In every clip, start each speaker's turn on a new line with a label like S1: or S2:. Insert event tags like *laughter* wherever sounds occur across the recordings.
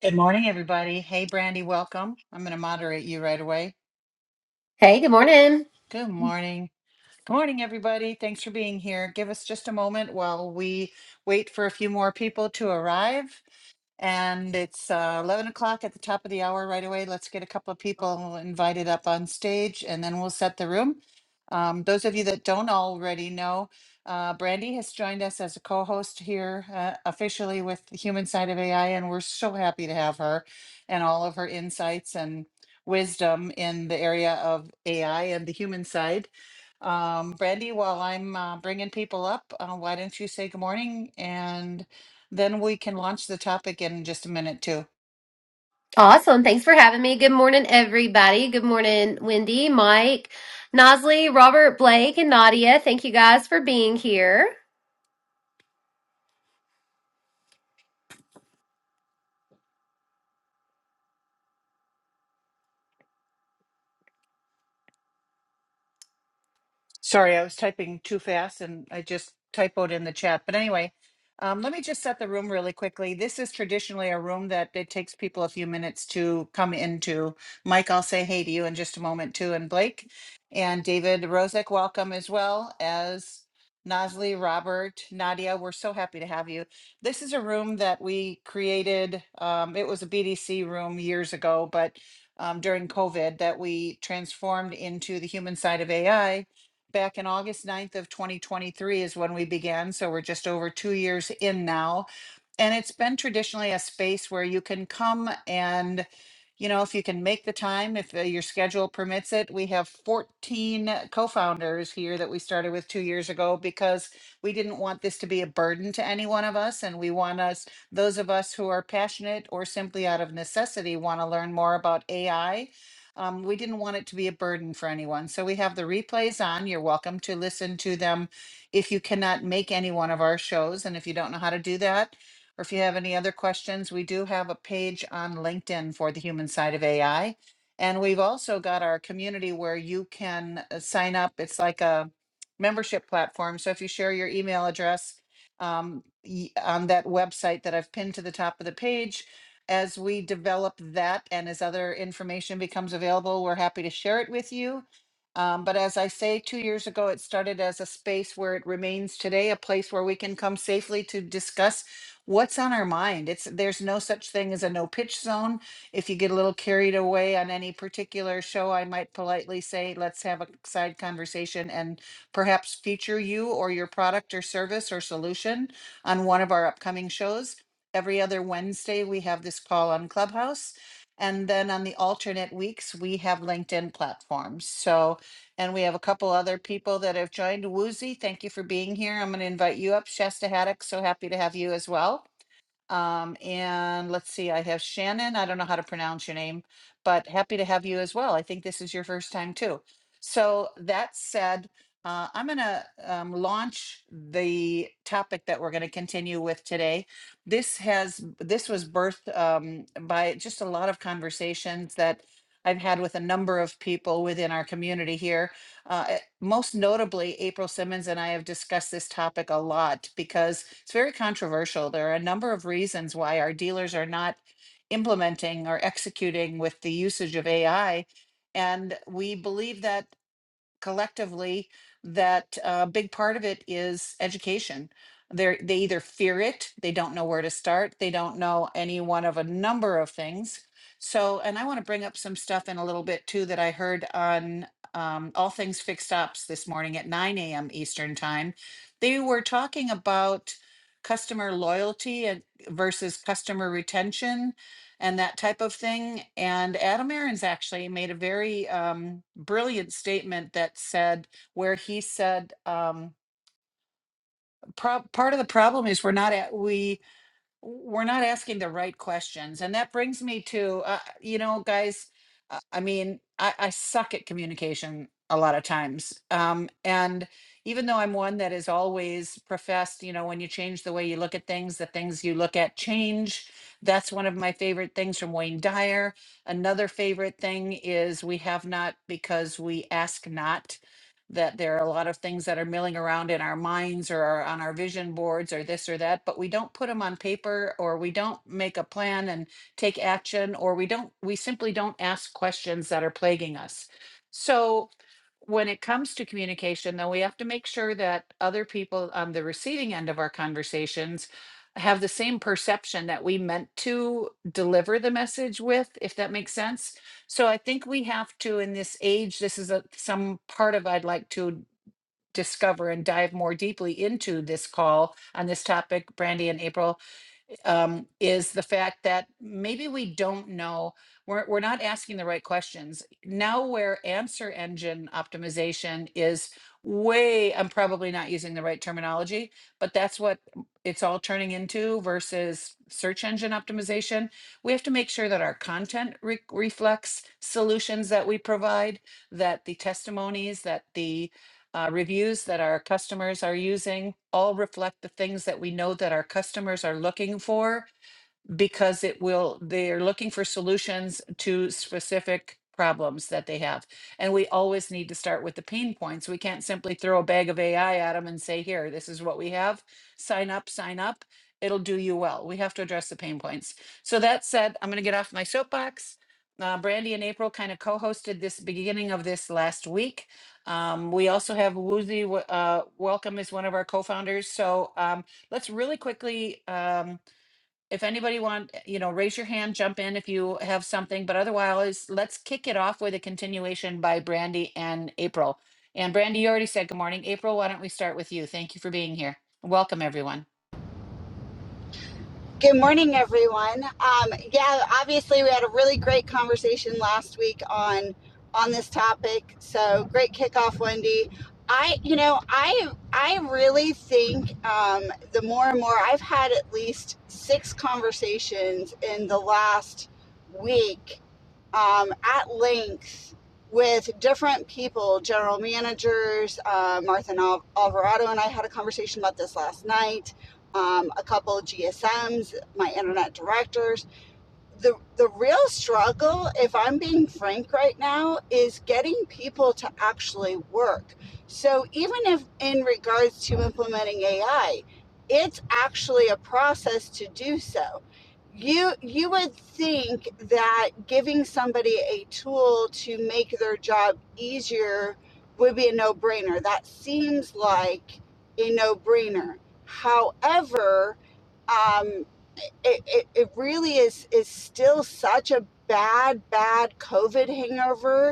S1: Good morning, everybody. Hey, Brandy, welcome. I'm going to moderate you right away.
S2: Hey, good morning.
S1: Good morning. Good morning, everybody. Thanks for being here. Give us just a moment while we wait for a few more people to arrive. And it's uh, 11 o'clock at the top of the hour right away. Let's get a couple of people invited up on stage and then we'll set the room. Um, those of you that don't already know, uh, Brandy has joined us as a co host here uh, officially with the human side of AI, and we're so happy to have her and all of her insights and wisdom in the area of AI and the human side. Um, Brandy, while I'm uh, bringing people up, uh, why don't you say good morning? and? Then we can launch the topic in just a minute too.
S2: Awesome. Thanks for having me. Good morning, everybody. Good morning, Wendy, Mike, Nosley, Robert, Blake, and Nadia. Thank you guys for being here.
S1: Sorry, I was typing too fast and I just typoed in the chat. But anyway, um, let me just set the room really quickly. This is traditionally a room that it takes people a few minutes to come into. Mike, I'll say hey to you in just a moment too, and Blake and David Rozek, welcome as well as Nosley, Robert, Nadia. We're so happy to have you. This is a room that we created. Um, it was a BDC room years ago, but um, during COVID, that we transformed into the human side of AI back in August ninth of twenty twenty-three is when we began, so we're just over two years in now and it's been traditionally a space where you can come and you know if you can make the time if uh, your schedule permits it we have 14 co-founders here that we started with two years ago because we didn't want this to be a burden to any one of us and we want us those of us who are passionate or simply out of necessity want to learn more about ai um, we didn't want it to be a burden for anyone so we have the replays on you're welcome to listen to them if you cannot make any one of our shows and if you don't know how to do that or if you have any other questions, we do have a page on LinkedIn for the human side of AI. And we've also got our community where you can uh, sign up. It's like a membership platform. So if you share your email address um, y- on that website that I've pinned to the top of the page, as we develop that and as other information becomes available, we're happy to share it with you. Um, but as I say, two years ago, it started as a space where it remains today, a place where we can come safely to discuss what's on our mind it's there's no such thing as a no pitch zone if you get a little carried away on any particular show i might politely say let's have a side conversation and perhaps feature you or your product or service or solution on one of our upcoming shows every other wednesday we have this call on clubhouse and then on the alternate weeks we have linkedin platforms so and we have a couple other people that have joined woozy thank you for being here i'm going to invite you up shasta haddock so happy to have you as well um, and let's see, I have Shannon. I don't know how to pronounce your name, but happy to have you as well. I think this is your first time too. So that said, uh, I'm going to um, launch the topic that we're going to continue with today. This has this was birthed um, by just a lot of conversations that I've had with a number of people within our community here. Uh, most notably, April Simmons and I have discussed this topic a lot because it's very controversial. There are a number of reasons why our dealers are not implementing or executing with the usage of AI. And we believe that collectively that a big part of it is education. They they either fear it, they don't know where to start, they don't know any one of a number of things. So, and I want to bring up some stuff in a little bit too that I heard on um, All Things Fixed Ops this morning at 9 a.m. Eastern Time. They were talking about customer loyalty and versus customer retention and that type of thing. And Adam Aarons actually made a very um, brilliant statement that said, where he said, um, pro- part of the problem is we're not at, we we're not asking the right questions. And that brings me to, uh, you know, guys, uh, I mean, I, I suck at communication a lot of times. Um, and even though I'm one that is always professed, you know, when you change the way you look at things, the things you look at change. That's one of my favorite things from Wayne Dyer. Another favorite thing is we have not because we ask not that there are a lot of things that are milling around in our minds or are on our vision boards or this or that, but we don't put them on paper or we don't make a plan and take action or we don't, we simply don't ask questions that are plaguing us. So when it comes to communication, though, we have to make sure that other people on the receiving end of our conversations have the same perception that we meant to deliver the message with, if that makes sense so I think we have to, in this age, this is a, some part of I'd like to discover and dive more deeply into this call on this topic, Brandy and April, um, is the fact that maybe we don't know, we're, we're not asking the right questions. Now, where answer engine optimization is way, I'm probably not using the right terminology, but that's what it's all turning into versus search engine optimization. We have to make sure that our content re- reflects solutions that we provide, that the testimonies, that the uh, reviews that our customers are using all reflect the things that we know that our customers are looking for because it will they're looking for solutions to specific problems that they have and we always need to start with the pain points we can't simply throw a bag of ai at them and say here this is what we have sign up sign up it'll do you well we have to address the pain points so that said i'm going to get off my soapbox uh, brandy and april kind of co-hosted this beginning of this last week um, we also have woozy w- uh, welcome is one of our co-founders so um, let's really quickly um, if anybody want, eh, you know, raise your hand, jump in if you have something, but otherwise, let's kick it off with a continuation by Brandy and April. And Brandy, you already said good morning. April, why don't we start with you? Thank you for being here. Welcome, everyone.
S3: Good morning, everyone. Um, yeah, obviously we had a really great conversation last week on on this topic. So great kickoff, Wendy. I, you know, I I really think um, the more and more I've had at least six conversations in the last week um, at length with different people, general managers. Uh, Martha and Al- Alvarado and I had a conversation about this last night. Um, a couple of GSMs my internet directors. The the real struggle, if I'm being frank right now, is getting people to actually work. So even if in regards to implementing AI, it's actually a process to do so. You you would think that giving somebody a tool to make their job easier would be a no-brainer. That seems like a no-brainer. However, um it, it, it really is is still such a bad bad covid hangover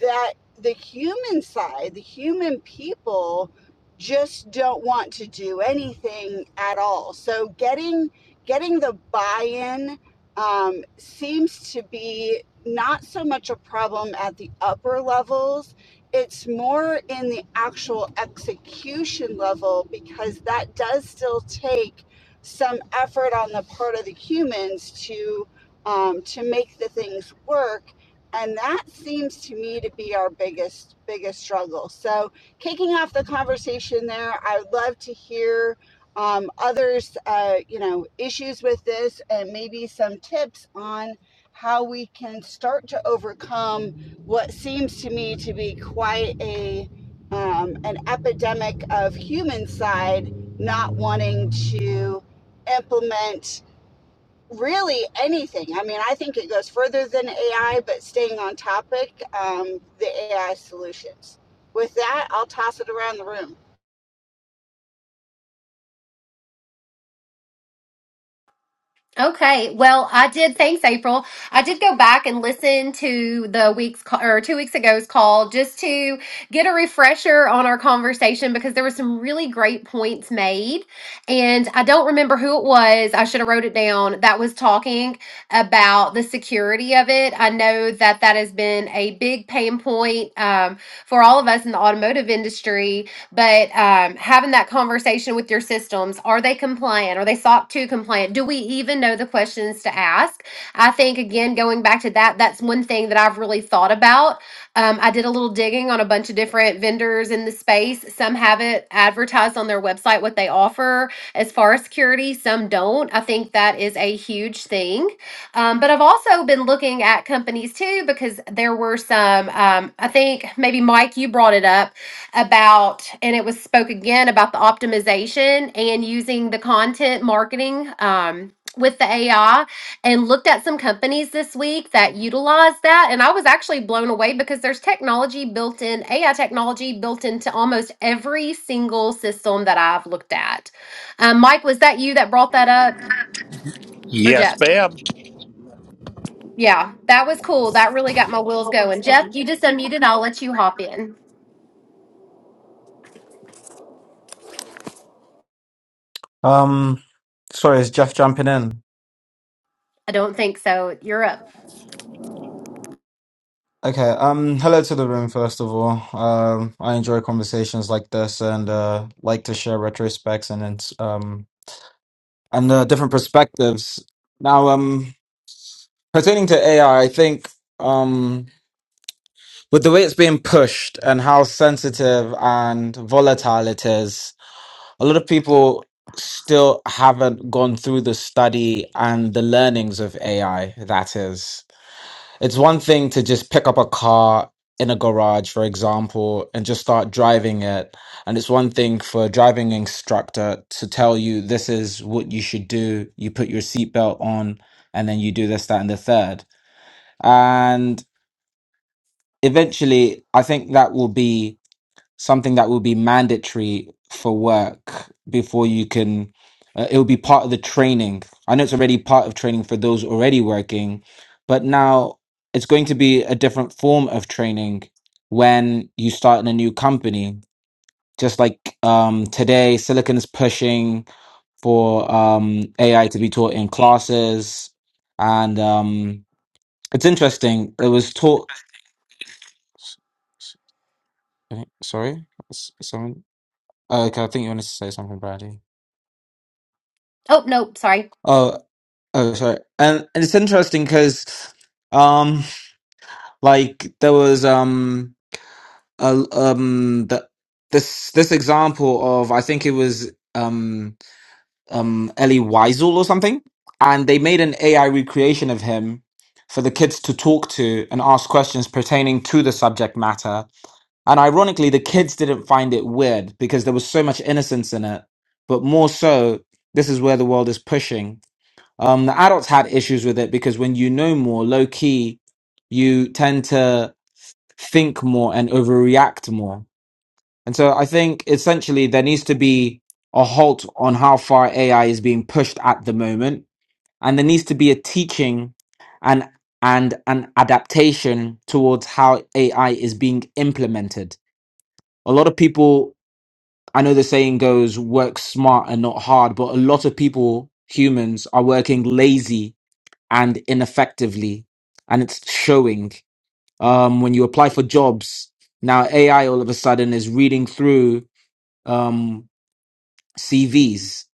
S3: that the human side, the human people just don't want to do anything at all. So getting getting the buy-in um, seems to be not so much a problem at the upper levels. It's more in the actual execution level because that does still take some effort on the part of the humans to um, to make the things work and that seems to me to be our biggest biggest struggle so kicking off the conversation there i would love to hear um, others uh, you know issues with this and maybe some tips on how we can start to overcome what seems to me to be quite a um, an epidemic of human side not wanting to implement really anything. I mean, I think it goes further than AI, but staying on topic, um, the AI solutions. With that, I'll toss it around the room.
S2: Okay. Well, I did. Thanks, April. I did go back and listen to the week's ca- or two weeks ago's call just to get a refresher on our conversation because there were some really great points made. And I don't remember who it was. I should have wrote it down. That was talking about the security of it. I know that that has been a big pain point um, for all of us in the automotive industry but um, having that conversation with your systems are they compliant are they soc 2 compliant do we even know the questions to ask i think again going back to that that's one thing that i've really thought about um, i did a little digging on a bunch of different vendors in the space some have it advertised on their website what they offer as far as security some don't i think that is a huge thing um, but I've also been looking at companies too because there were some, um, I think maybe Mike, you brought it up about and it was spoke again about the optimization and using the content marketing um, with the AI and looked at some companies this week that utilize that and I was actually blown away because there's technology built in AI technology built into almost every single system that I've looked at. Um, Mike, was that you that brought that up or
S4: Yes,
S2: Jeff?
S4: ma'am.
S2: Yeah, that was cool. That really got my wheels going. Jeff, you just unmuted. I'll let you hop in.
S5: Um, sorry, it's Jeff jumping in.
S2: I don't think so. You're up.
S5: Okay. Um, hello to the room, first of all. Um, I enjoy conversations like this and uh, like to share retrospects and it's, um and uh, different perspectives. Now, um, pertaining to AI, I I think um with the way it's being pushed and how sensitive and volatile it is, a lot of people still haven't gone through the study and the learnings of AI. That is. It's one thing to just pick up a car in a garage, for example, and just start driving it. And it's one thing for a driving instructor to tell you this is what you should do. You put your seatbelt on and then you do this, that, and the third. And eventually, I think that will be something that will be mandatory for work before you can uh, it will be part of the training i know it's already part of training for those already working but now it's going to be a different form of training when you start in a new company just like um, today silicon is pushing for um, ai to be taught in classes and um, it's interesting it was taught sorry someone. Oh, okay, I think you wanted to say something, Brady.
S2: Oh, nope. Sorry.
S5: Oh, oh, sorry. And, and it's interesting because, um, like there was um a, um the, this this example of I think it was um um Ellie Weisel or something, and they made an AI recreation of him for the kids to talk to and ask questions pertaining to the subject matter. And ironically, the kids didn't find it weird because there was so much innocence in it, but more so, this is where the world is pushing Um, the adults had issues with it because when you know more, low key, you tend to think more and overreact more. And so I think essentially there needs to be a halt on how far AI is being pushed at the moment, and there needs to be a teaching and and an adaptation towards how AI is being implemented. A lot of people, I know the saying goes, work smart and not hard, but a lot of people, humans, are working lazy and ineffectively and it's showing um when you apply for jobs now ai all of a sudden is reading through um cvs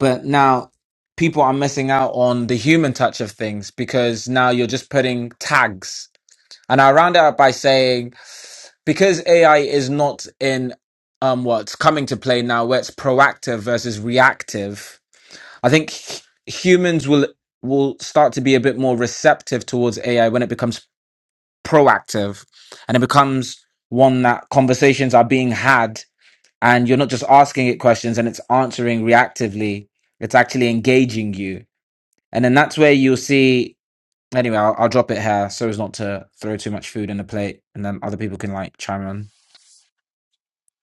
S5: but now people are missing out on the human touch of things because now you're just putting tags and i round it up by saying because ai is not in um what's coming to play now where it's proactive versus reactive I think h- humans will will start to be a bit more receptive towards AI when it becomes proactive and it becomes one that conversations are being had and you're not just asking it questions and it's answering reactively it's actually engaging you and then that's where you'll see Anyway, I'll, I'll drop it here so as not to throw too much food in the plate, and then other people can like chime in.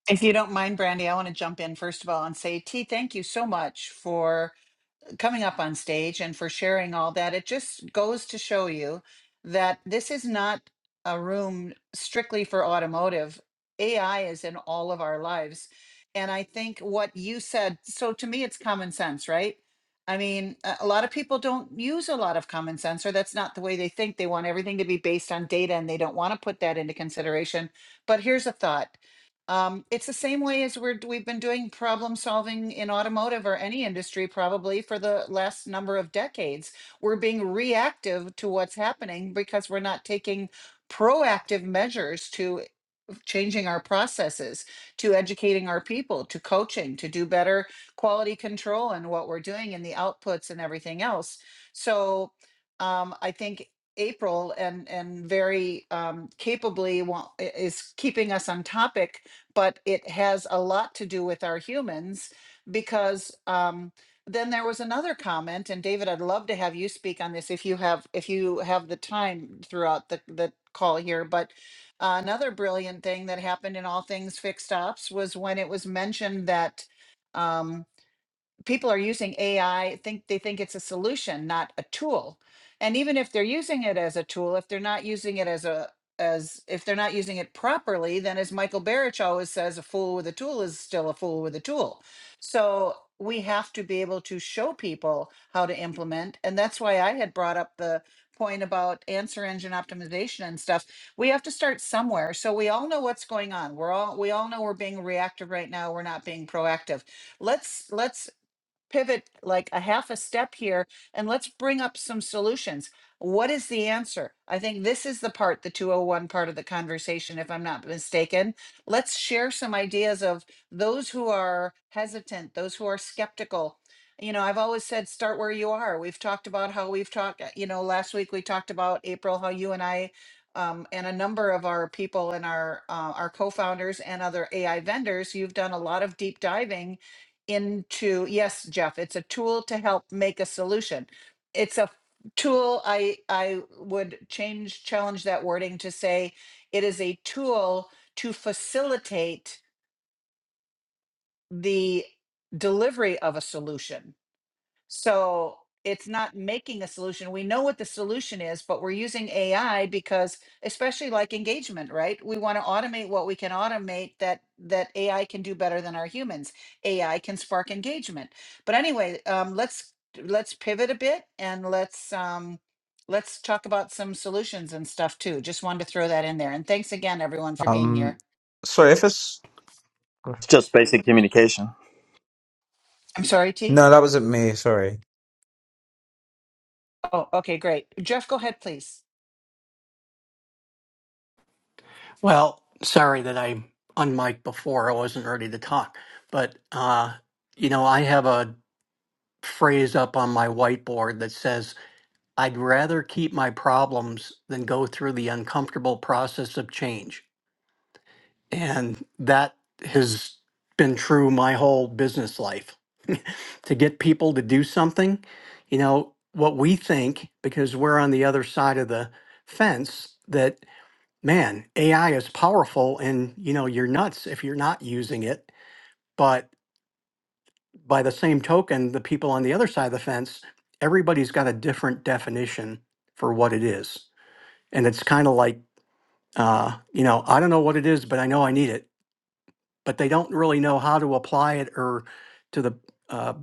S1: If you don't mind, Brandy, I want to jump in first of all and say, T, thank you so much for coming up on stage and for sharing all that. It just goes to show you that this is not a room strictly for automotive. AI is in all of our lives. And I think what you said, so to me, it's common sense, right? I mean, a a lot of people don't use a lot of common sense, or that's not the way they think. They want everything to be based on data and they don't want to put that into consideration. But here's a thought um, it's the same way as we're, we've been doing problem solving in automotive or any industry probably for the last number of decades. We're being reactive to what's happening because we're not taking proactive measures to changing our processes to educating our people to coaching to do better quality control and what we're doing and the outputs and everything else so um, i think april and and very um, capably wa- is keeping us on topic but it has a lot to do with our humans because um, then there was another comment and david i'd love to have you speak on this if you have if you have the time throughout the, the call here but another brilliant thing that happened in all things fixed ops was when it was mentioned that um, people are using AI, think they think it's a solution, not a tool. And even if they're using it as a tool, if they're not using it as a as if they're not using it properly, then as Michael Barrich always says, a fool with a tool is still a fool with a tool. So we have to be able to show people how to implement. And that's why I had brought up the point about answer engine optimization and stuff. We have to start somewhere. So we all know what's going on. We're all we all know we're being reactive right now. We're not being proactive let's let's pivot like a half a step here and let's bring up some solutions. What is the answer? I think this is the part, the 201 part of the conversation, if I'm not mistaken. Let's share some ideas of those who are hesitant, those who are skeptical. You know, I've always said start where you are. We've talked about how we've talked, uh, you know, last week we talked about April, how you and I um, and a number of our people and our uh, our co-founders and other AI vendors, you've done a lot of deep diving into, yes, Jeff, it's a tool to help make a solution. It's a tool, I, I would change, challenge that wording to say it is a tool to facilitate the delivery of a solution. So it's not making a solution. We know what the solution is, but we're using AI because especially like engagement, right? We want to automate what we can automate that that AI can do better than our humans. AI can spark engagement. But anyway, um, let's let's pivot a bit and let's um, let's talk about some solutions and stuff too. Just wanted to throw that in there. And thanks again, everyone, for being here.
S5: Sorry, if it's
S6: It's just basic communication.
S1: I'm sorry, T.
S5: No, that wasn't me. Sorry.
S1: Oh, okay, great. Jeff, go ahead, please.
S7: Well, sorry that I unmiked before. I wasn't ready to talk. But, uh, you know, I have a phrase up on my whiteboard that says, I'd rather keep my problems than go through the uncomfortable process of change. And that has been true my whole business life. *laughs* to get people to do something, you know, what we think, because we're on the other side of the fence, that man, AI is powerful and you know, you're nuts if you're not using it. But by the same token, the people on the other side of the fence, everybody's got a different definition for what it is. And it's kind of like, uh, you know, I don't know what it is, but I know I need it. But they don't really know how to apply it or to the uh,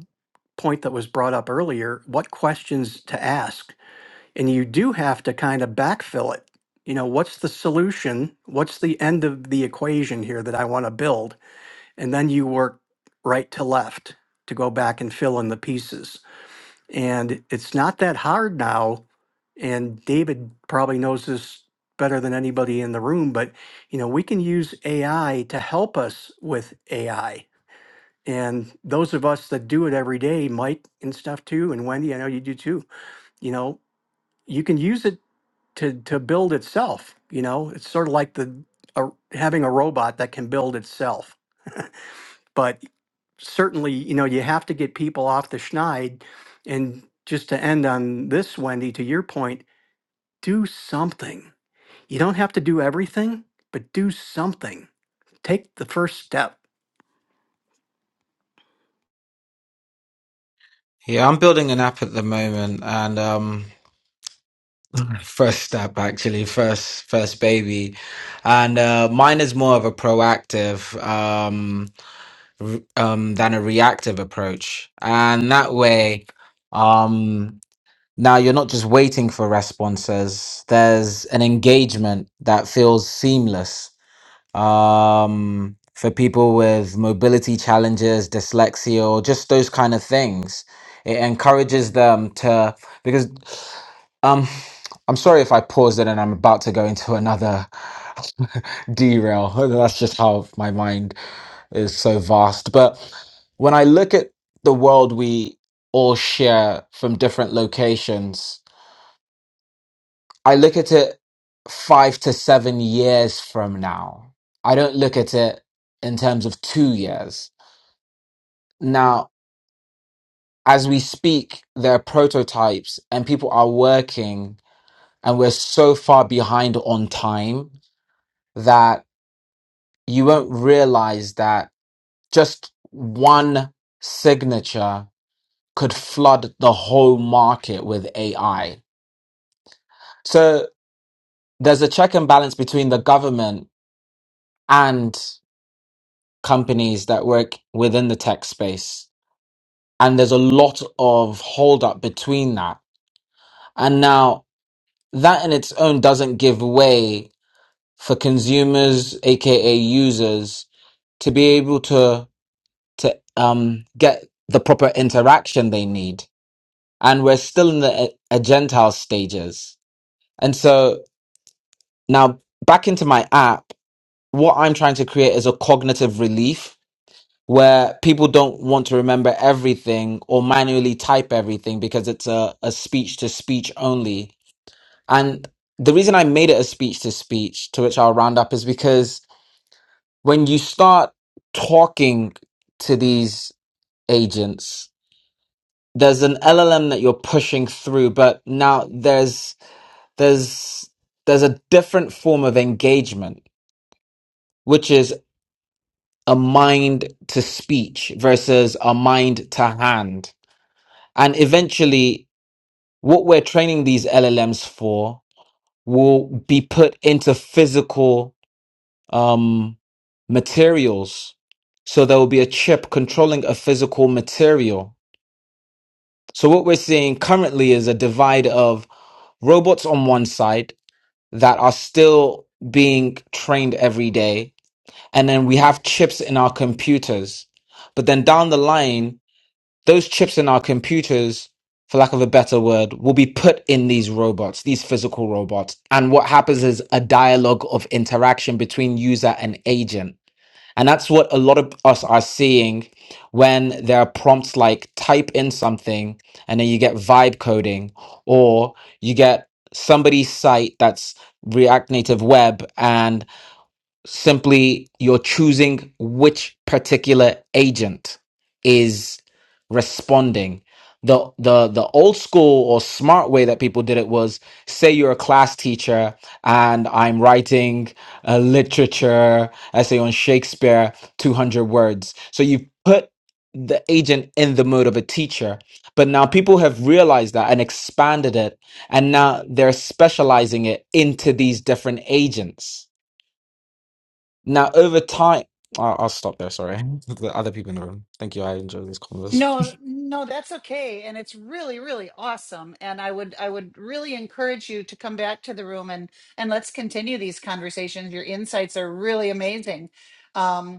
S7: point that was brought up earlier, what questions to ask and you do have to kind of backfill it. You know, what's the solution? What's the end of the equation here that I want to build? And then you work right to left to go back and fill in the pieces. And it's not that hard now. And David probably knows this better than anybody in the room, but you know, we can use AI to help us with AI. And those of us that do it every day, Mike and stuff too, and Wendy, I know you do too, you know, you can use it to to build itself. You know, it's sort of like the a, having a robot that can build itself. But certainly, you know, you have to get people off the schneid. And just to end on this, Wendy, to your point, do something. You don't have to do everything, but do something. Take the first step.
S5: yeah, I'm building an app at the moment, and um, *laughs* first app actually, first first baby, and uh, mine is more of a proactive. Um, r- um than a reactive approach and that way um now you're not just waiting for responses there's an engagement that feels seamless um for people with mobility challenges dyslexia or just those kind of things it encourages them to because um i'm sorry if i paused it and i'm about to go into another *laughs* derail *laughs* that's just how my mind is so vast. But when I look at the world we all share from different locations, I look at it five to seven years from now. I don't look at it in terms of two years. Now, as we speak, there are prototypes and people are working, and we're so far behind on time that you won't realize that just one signature could flood the whole market with AI. So there's a check and balance between the government and companies that work within the tech space. And there's a lot of holdup between that. And now that in its own doesn't give way for consumers, aka users, to be able to to um, get the proper interaction they need. And we're still in the a- agentile stages. And so Now, back into my app, what I'm trying to create is a cognitive relief where people don't want to remember everything or manually type everything because it's a, a speech to speech only. And the reason I made it a speech to speech, to which I'll round up, is because when you start talking to these agents, there's an LLM that you're pushing through, but now there's there's there's a different form of engagement which is. a mind to speech versus a mind to hand. And eventually, what we're training these LLMs for will be put into physical um, materials. So there will be a chip controlling a physical material. So what we're seeing currently is a divide of robots on one side that are still being trained every day. And then we have chips in our computers. But then down the line, those chips in our computers, for lack of a better word, will be put in these robots, these physical robots. And what happens is a dialogue of interaction between user and agent. And that's what a lot of us are seeing when there are prompts like type in something and then you get vibe coding or you get somebody's site that's React Native Web and simply you're choosing which particular agent is responding the the the old school or smart way that people did it was say you're a class teacher and i'm writing a literature essay on shakespeare 200 words so you put the agent in the mode of a teacher but now people have realized that and expanded it and now they're specializing it into these different agents now, over time, I'll, I'll stop there. Sorry, *laughs* the other people in the room. Thank you. I enjoy this converse.
S1: No, no, that's okay. And it's really, really awesome. And I would I would really encourage you to come back to the room and and let's continue these conversations. Your insights are really amazing. Um,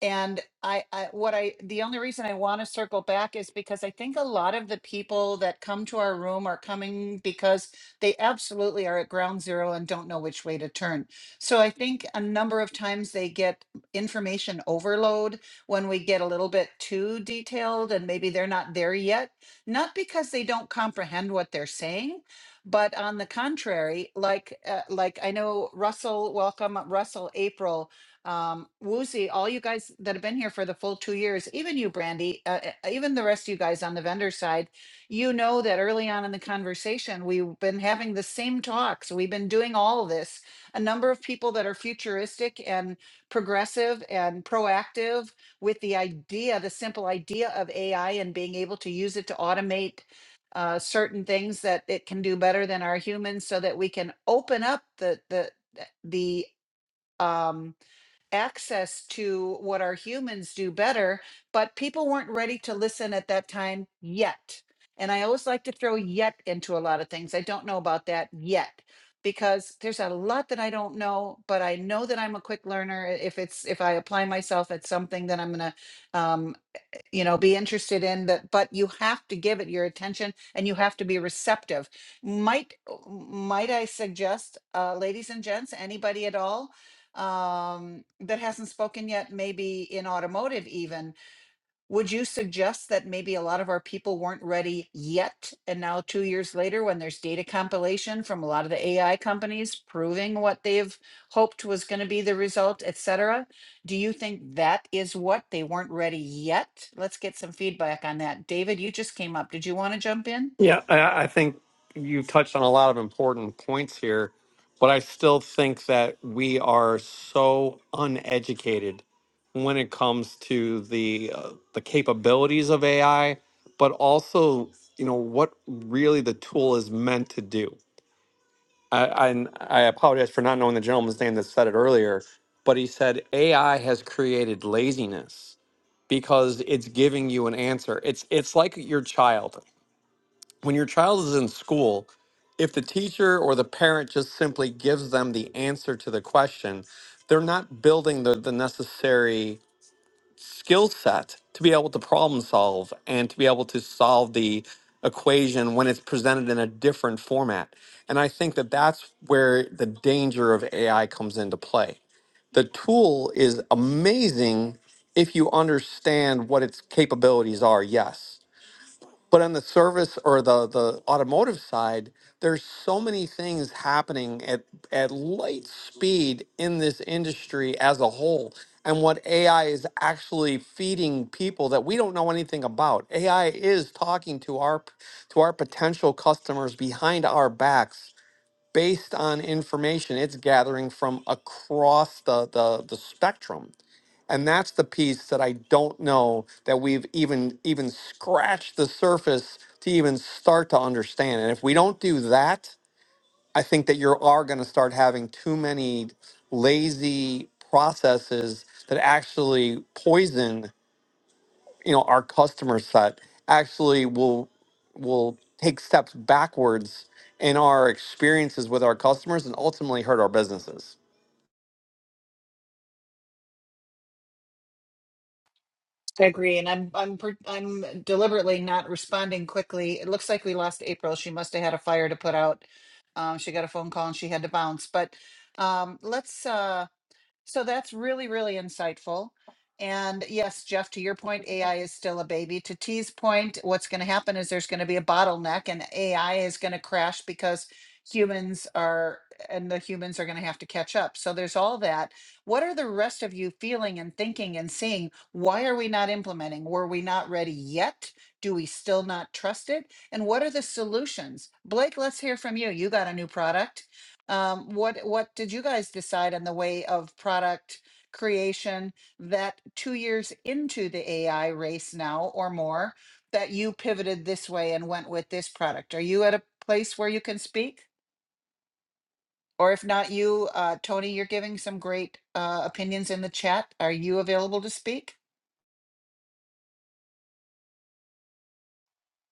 S1: and I, I, what I, the only reason I want to circle back is because I think a lot of the people that come to our room are coming because they absolutely are at ground zero and don't know which way to turn. So I think a number of times they get information overload when we get a little bit too detailed and maybe they're not there yet. Not because they don't comprehend what they're saying, but on the contrary, like, uh, like I know Russell, welcome Russell April um, Woozy, all you guys that have been here for the full two years, even you, Brandy, uh, uh, even the rest of you guys on the vendor side, you know that early on in the conversation, we've been having the same talks. We've been doing all of this. A number of people that are futuristic and progressive and proactive with the idea, the simple idea of AI and being able to use it to automate uh, certain things that it can do better than our humans so that we can open up the, the, the, um, access to what our humans do better, but people weren't ready to listen at that time yet. And I always like to throw yet into a lot of things. I don't know about that yet because there's a lot that I don't know, but I know that I'm a quick learner. If it's if I apply myself at something, then I'm going to you know be interested in that but you have to give it your attention and you have to be receptive might might i suggest uh, ladies and gents anybody at all um, that hasn't spoken yet maybe in automotive even would you suggest that maybe a lot of our people weren't ready yet? And now, two years later, when there's data compilation from a lot of the AI companies proving what they've hoped was going to be the result, et cetera, do you think that is what they weren't ready yet? Let's get some feedback on that. David, you just came up. Did you want to jump in?
S8: Yeah, I, I think you touched on a lot of important points here, but I still think that we are so uneducated when it comes to the uh, the capabilities of AI, but also you know what really the tool is meant to do. I, I and I apologize for not knowing the gentleman's name that said it earlier, but he said AI has created laziness because it's giving you an answer. It's it's like your child when your child is in school, if the teacher or the parent just simply gives them the answer to the question, they're not building the, the necessary skill set to be able to problem solve and to be able to solve the equation when it's presented in a different format. And I think that that's where the danger of AI comes into play. The tool is amazing if you understand what its capabilities are, yes but on the service or the the automotive side, there's so many things happening at at light speed in this industry as a whole. And what AI is actually feeding people that we don't know anything about. AI is talking to our p- to our potential customers behind our backs based on information it's gathering from across the the, the spectrum. And that's the piece that I don't know that we've even even scratched the surface to even start to understand. And if we don't do that, I think that you are going to start having too many lazy processes that actually poison, you know, our customer set. Actually, will will take steps backwards in our experiences with our customers and ultimately hurt our businesses.
S1: I agree, and I'm I'm per- I'm deliberately not responding quickly. It looks like we lost April. She must have had a fire to put out. Um, she got a phone call and she had to bounce. But um, let's. Uh, So that's really, really insightful. And yes, Jeff, to your point, AI is still a baby. To T's point, what's going to happen is there's going to be a bottleneck and AI is going to crash because humans are, and the humans are going to have to catch up. So there's all that. What are the rest of you feeling and thinking and seeing? Why are we not implementing? Were we not ready yet? Do we still not trust it? And what are the solutions? Blake, let's hear from you. You got a new product. Um, what what did you guys decide on the way of product creation that two years into the AI race now or more that you pivoted this way and went with this product? Are you at a place where you can speak? Or if not you, uh, Tony, you're giving some great uh, opinions in the chat. Are you available to speak?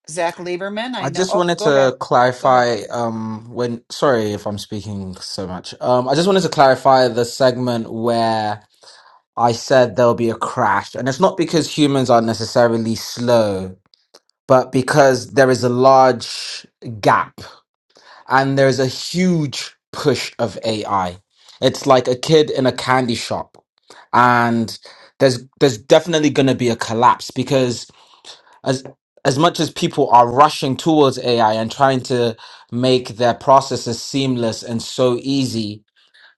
S1: Zach Lieberman, I
S5: I
S1: know.
S5: just
S1: Oh,
S5: wanted
S1: go ahead.
S5: to
S1: Go ahead.
S5: clarify. Um, when sorry if I'm speaking so much. Um, I just wanted to clarify the segment where I said there'll be a crash, and it's not because humans are necessarily slow, but because there is a large gap and there's a huge push of AI. It's like a kid in a candy shop, and there's there's definitely going to be a collapse because as as much as people are rushing towards AI and trying to make their processes seamless and so easy,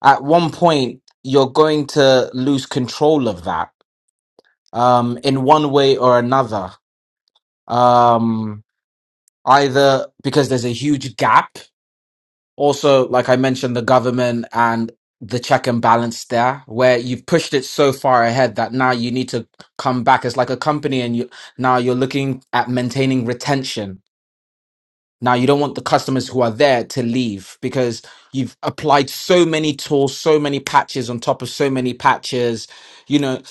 S5: at one point you're going to lose control of that um, in one way or another. Um, either because there's a huge gap also, like I mentioned, the government and the check and balance there, where you've pushed it so far ahead that now you need to come back as like a company, and you now you're looking at maintaining retention. Now you don't want the customers who are there to leave because you've applied so many tools, so many patches on top of so many patches. You know,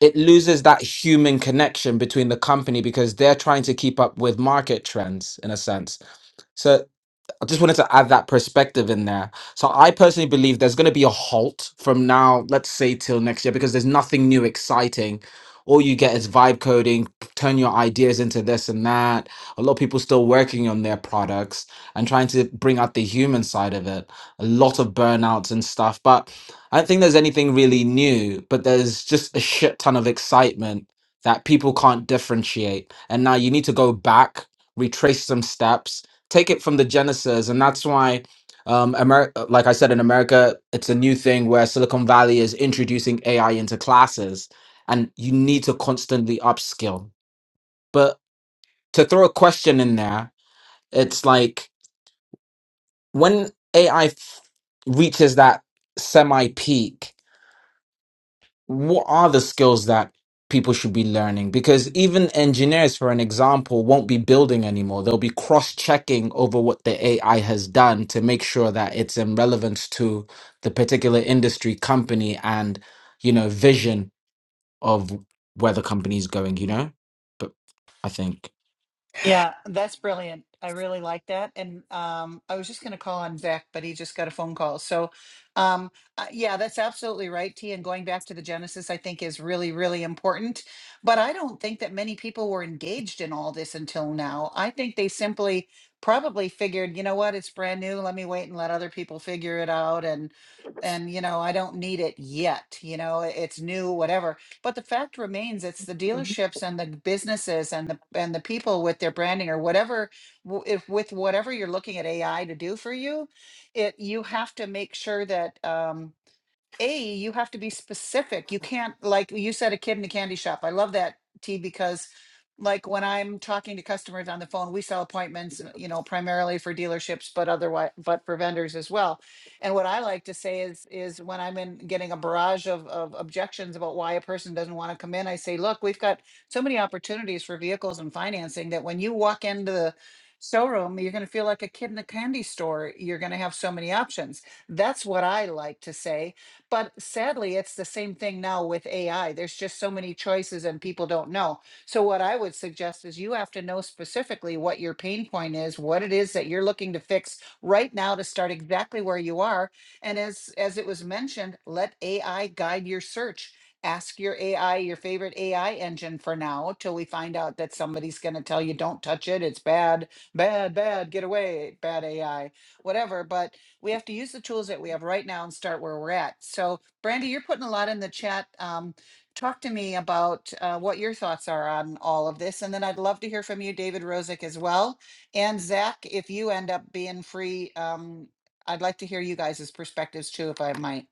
S5: it loses that human connection between the company because they're trying to keep up with market trends in a sense. So I just wanted to add that perspective in there. So I personally believe there's going to be a halt from now, let's say till next year, because there's nothing new exciting. All you get is vibe coding, turn your ideas into this and that. A lot of people still working on their products and trying to bring out the human side of it. A lot of burnouts and stuff. But I don't think there's anything really new, but there's just a shit ton of excitement that people can't differentiate. And now you need to go back, retrace some steps, take it from the genesis and that's why um Amer- like i said in america it's a new thing where silicon valley is introducing ai into classes and you need to constantly upskill but to throw a question in there it's like when ai reaches that semi peak what are the skills that people should be learning? Because even engineers, for an example, won't be building anymore. They'll be cross checking over what the AI has done to make sure that it's in relevance to the particular industry, company, and you know, vision of where the company is going. You know, but I think.
S1: Yeah, that's brilliant. I really like that. And um, I was just going to call on Zach, but he just got a phone call. So, um, uh, yeah, that's absolutely right, T. And going back to the Genesis, I think is really, really important. But I don't think that many people were engaged in all this until now. I think they simply probably figured, you know what, it's brand new. Let me wait and let other people figure it out. And and you know, I don't need it yet. You know, it's new, whatever but the fact remains, it's the dealerships and the businesses and the and the people with their branding or whatever, w- if with whatever you're looking at AI to do for you, it you have to make sure that um, a, you have to be specific. You can't, like you said, a kid in a candy shop. I love that, T, because like when I'm talking to customers on the phone, we sell appointments, uh, you know, primarily for dealerships, but otherwise, but for vendors as well. And what I like to say is, is when I'm in getting a barrage of, of objections about why a person doesn't want to come in, I say, look, we've got so many opportunities for vehicles and financing that when you walk into the showroom, you're going to feel like a kid in a candy store. You're going to have so many options. That's what I like to say but sadly, it's the same thing now with AI. There's just so many choices and people don't know. So what I would suggest is you have to know specifically what your pain point is, what it is that you're looking to fix right now to start exactly where you are. And as as it was mentioned, let AI guide your search. Ask your AI, your favorite AI engine for now till we find out that somebody's going to tell you don't touch it, it's bad, bad, bad, get away, bad AI, whatever, but we have to use the tools that we have right now and start where we're at. So, Brandy, you're putting a lot in the chat. Um, talk to me about uh, what your thoughts are on all of this. And then I'd love to hear from you, David Rosick, as well. And Zach, if you end up being free, um, I'd like to hear you guys' perspectives too, if I might.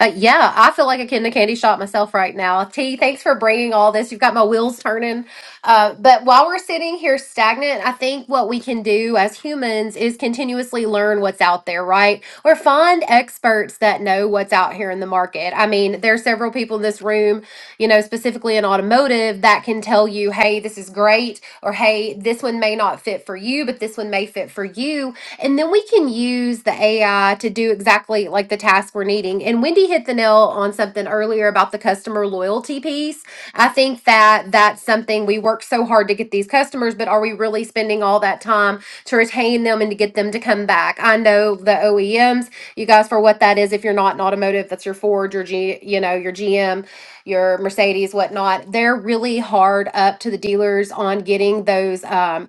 S2: Uh, yeah, I feel like a kid in a candy shop myself right now. T, thanks for bringing all this. You've got my wheels turning. Uh, but while we're sitting here stagnant, I think what we can do as humans is continuously learn what's out there, right? Or find experts that know what's out here in the market. I mean, there's several people in this room, you know, specifically in automotive, that can tell you, hey, this is great, or hey, this one may not fit for you, but this one may fit for you And then we can use the AI to do exactly like the task we're needing. And Wendy hit the nail on something earlier about the customer loyalty piece. I think that that's something we work so hard to get these customers, but are we really spending all that time to retain them and to get them to come back? I know the OEMs, you guys, for what that is, if you're not in automotive, that's your Ford, your G, you know, your GM, your Mercedes, whatnot. They're really hard up to the dealers on getting those. Um,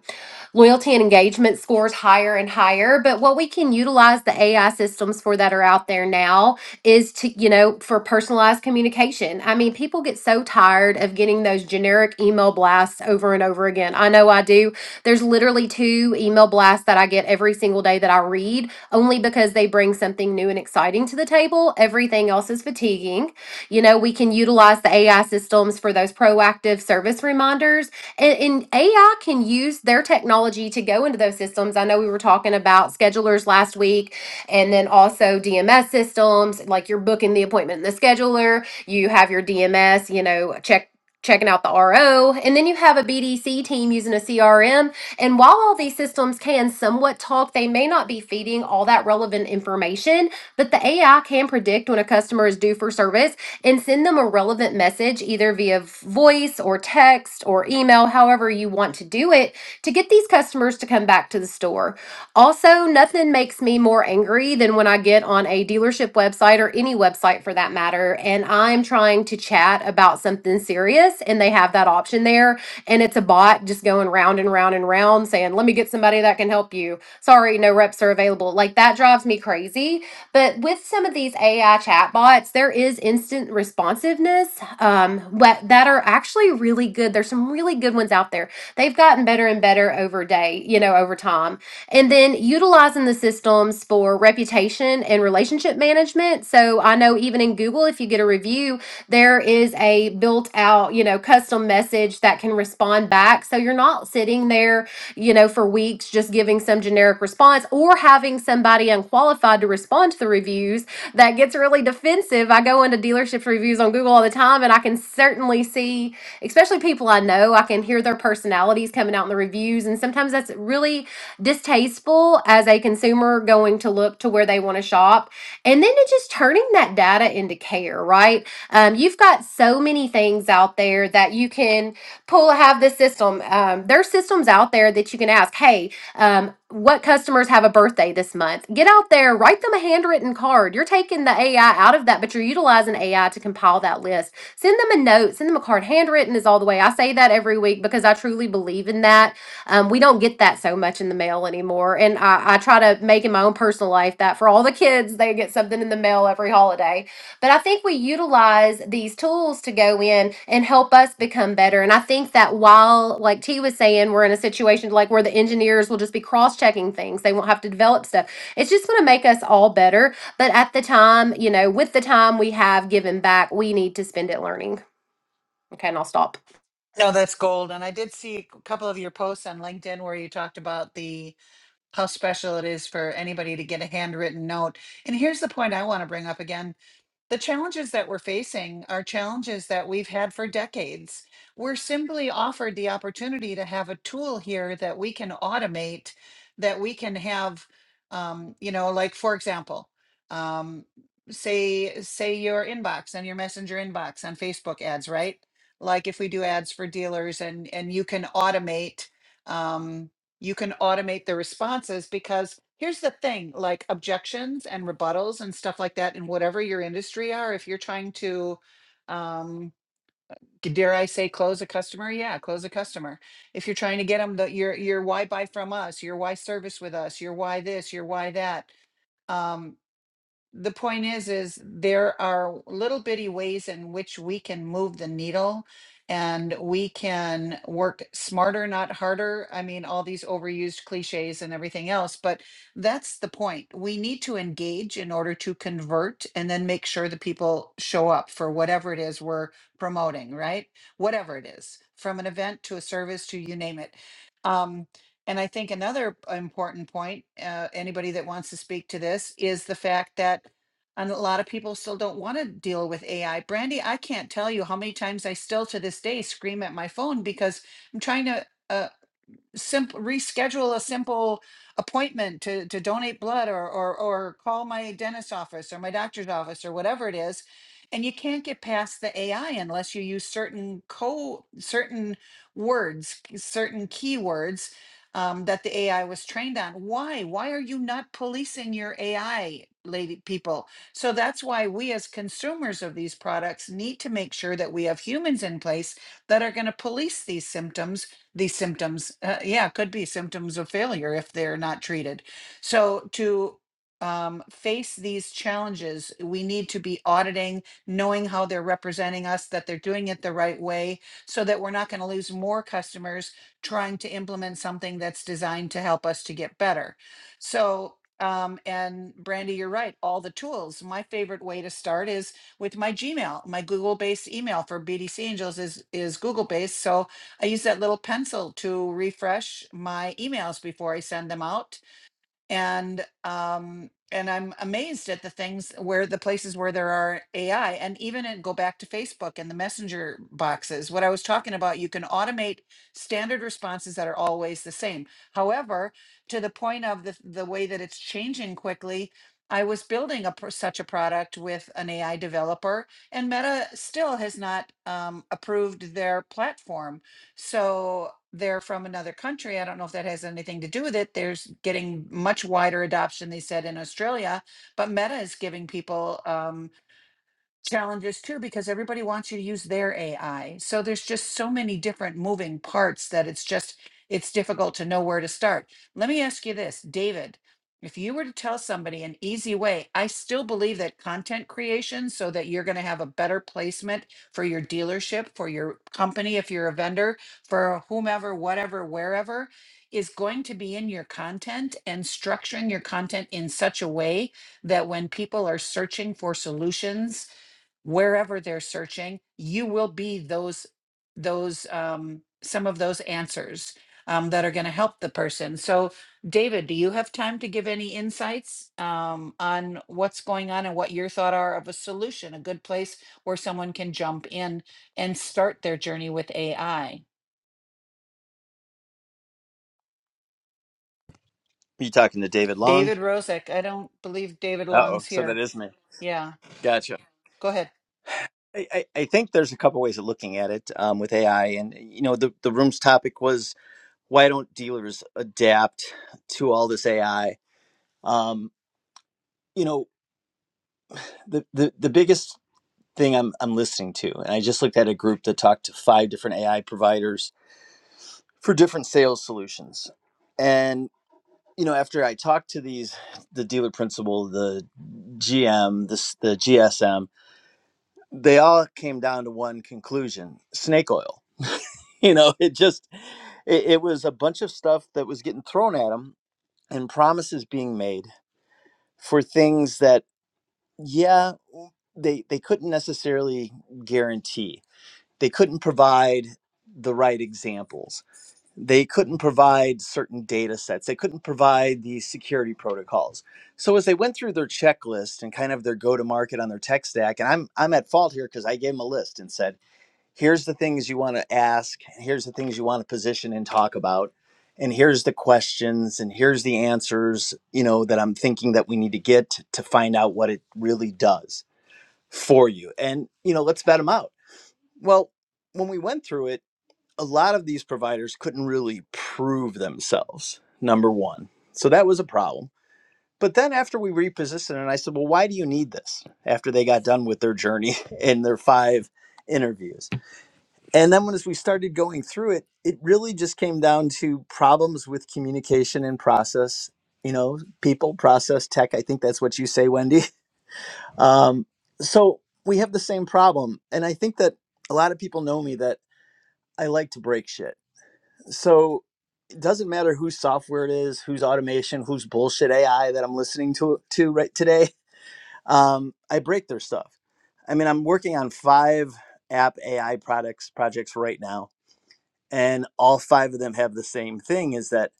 S2: Loyalty and engagement scores higher and higher. But what we can utilize the AI systems for that are out there now is to, you know, for personalized communication. I mean, people get so tired of getting those generic email blasts over and over again. I know I do. There's literally two email blasts that I get every single day that I read only because they bring something new and exciting to the table. Everything else is fatiguing. You know, we can utilize the AI systems for those proactive service reminders and, and AI can use their technology to go into those systems. I know we were talking about schedulers last week, and then also DMS systems. Like you're booking the appointment in the scheduler, you have your DMS, you know, check checking out the RO, and then you have a BDC team using a CRM. And while all these systems can somewhat talk, they may not be feeding all that relevant information, but the AI can predict when a customer is due for service and send them a relevant message either via voice or text or email, however you want to do it, to get these customers to come back to the store. Also, nothing makes me more angry than when I get on a dealership website or any website for that matter, and I'm trying to chat about something serious and they have that option there, and it's a bot just going round and round and round saying, Let me get somebody that can help you. Sorry, no reps are available. Like that drives me crazy but with some of these AI chatbots, there is instant responsiveness um, what, that are actually really good. There's some really good ones out there. They've gotten better and better over day, you know, over time. And then utilizing the systems for reputation and relationship management. So I know even in Google, if you get a review, there is a built out, you know, custom message that can respond back. So you're not sitting there you know, for weeks just giving some generic response or having somebody unqualified to respond to the reviews that gets really defensive. I go into dealership reviews on Google all the time and I can certainly see, especially people I know, I can hear their personalities coming out in the reviews. And sometimes that's really distasteful as a consumer going to look to where they want to shop. And then it's just turning that data into care, right? Um, you've got so many things out there that you can Pull have this system. Um, there's systems out there that you can ask, hey, um, what customers have a birthday this month? Get out there, write them a handwritten card. You're taking the AI out of that, but you're utilizing AI to compile that list. Send them a note, send them a card. Handwritten is all the way. I say that every week because I truly believe in that. Um, we don't get that so much in the mail anymore. And I, I try to make in my own personal life that for all the kids, they get something in the mail every holiday but I think we utilize these tools to go in and help us become better. And I think that while, like T was saying, we're in a situation like where the engineers will just be cross checking things, they won't have to develop stuff. It's just going to make us all better. But at the time, you know, with the time we have given back, we need to spend it learning. Okay, and I'll stop.
S1: No, that's gold. And I did see a couple of your posts on LinkedIn where you talked about the how special it is for anybody to get a handwritten note. And here's the point I want to bring up again The challenges that we're facing are challenges that we've had for decades. We're simply offered the opportunity to have a tool here that we can automate, that we can have, um, you know, like for example, um, say say your inbox and your messenger inbox on Facebook ads, right? Like if we do ads for dealers and and you can automate. Um, you can automate the responses because here's the thing like objections and rebuttals and stuff like that in whatever your industry are if you're trying to um g- dare i say close a customer yeah close a customer if you're trying to get them the your your why buy from us your why service with us your why this your why that Um the point is is there are little bitty ways in which we can move the needle and we can work smarter not harder i mean all these overused cliches and everything else but that's the point we need to engage in order to convert and then make sure the people show up for whatever it is we're promoting right whatever it is from an event to a service to you name it um and I think another important point, uh, anybody that wants to speak to this, is the fact that and a lot of people still don't want to deal with AI. Brandy, I can't tell you how many times I still to this day scream at my phone because I'm trying to. uh, simple reschedule a simple appointment to to donate blood or or or call my dentist office or my doctor's office or whatever it is and you can't get past the ai unless you use certain co certain words certain keywords um, that the ai was trained on why why are you not policing your ai lady people so that's why we as consumers of these products need to make sure that we have humans in place that are going to police these symptoms these symptoms. Uh, yeah, could be symptoms of failure if they're not treated. So to um, face these challenges, we need to be auditing, knowing how they're representing us, that they're doing it the right way, so that we're not going to lose more customers trying to implement something that's designed to help us to get better. So, um, and Brandy, you're right. All the tools. My favorite way to start is with my Gmail, my Google-based email for BDC Angels is is Google-based. So I use that little pencil to refresh my emails before I send them out. And um and I'm amazed at the things where the places where there are AI and even in, go back to Facebook and the messenger boxes. What I was talking about, you can automate standard responses that are always the same. However, to the point of the, the way that it's changing quickly, I was building a, pro- such a product with an AI developer and Meta still has not um, approved their platform so they're from another country. I don't know if that has anything to do with it. There's getting much wider adoption, they said, in Australia. But Meta is giving people um, challenges too because everybody wants you to use their AI. So there's just so many different moving parts that it's just it's difficult to know where to start. Let me ask you this, David, if you were to tell somebody an easy way, I still believe that content creation so that you're going to have a better placement for your dealership, for your company if you're a vendor, for whomever, whatever, wherever is going to be in your content and structuring your content in such a way that when people are searching for solutions wherever they're searching you will be those those um, some of those answers um, that are going to help the person so david do you have time to give any insights um, on what's going on and what your thought are of a solution a good place where someone can jump in and start their journey with ai
S6: you talking to David Long?
S1: david rosick i don't believe david
S6: Uh oh,
S1: long's
S6: so that
S1: here
S6: is me.
S1: yeah
S6: Gotcha.
S1: go ahead
S6: I, I, I think there's a couple ways of looking at it um, with AI. And, you know, the, the room's topic was why don't dealers adapt to all this AI? Um, you know, the, the, the biggest thing I'm, I'm listening to, and I just looked at a group that talked to five different AI providers for different sales solutions. And, you know, after I talked to these, the dealer principal, the GM, this the GSM, they all came down to one conclusion snake oil *laughs* you know it just it, it was a bunch of stuff that was getting thrown at them and promises being made for things that yeah they they couldn't necessarily guarantee they couldn't provide the right examples they couldn't provide certain data sets they couldn't provide the security protocols so as they went through their checklist and kind of their go to market on their tech stack and i'm i'm at fault here because i gave them a list and said here's the things you want to ask here's the things you want to position and talk about and here's the questions and here's the answers you know that i'm thinking that we need to get t- to find out what it really does for you and you know let's vet them out well when we went through it a lot of these providers couldn't really prove themselves number one so that was a problem but then after we repositioned and i said well why do you need this after they got done with their journey *laughs* and their five interviews and then once we started going through it, it really just came down to problems with communication and process, you know, people, process, tech. I think that's what you say, Wendy. *laughs* Um, so we have the same problem. And I think that a lot of people know me that I like to break shit. So it doesn't matter whose software it is, whose automation, whose bullshit AI that I'm listening to, to right today. Um, I break their stuff. I mean, I'm working on five app AI products projects right now and all five of them have the same thing is that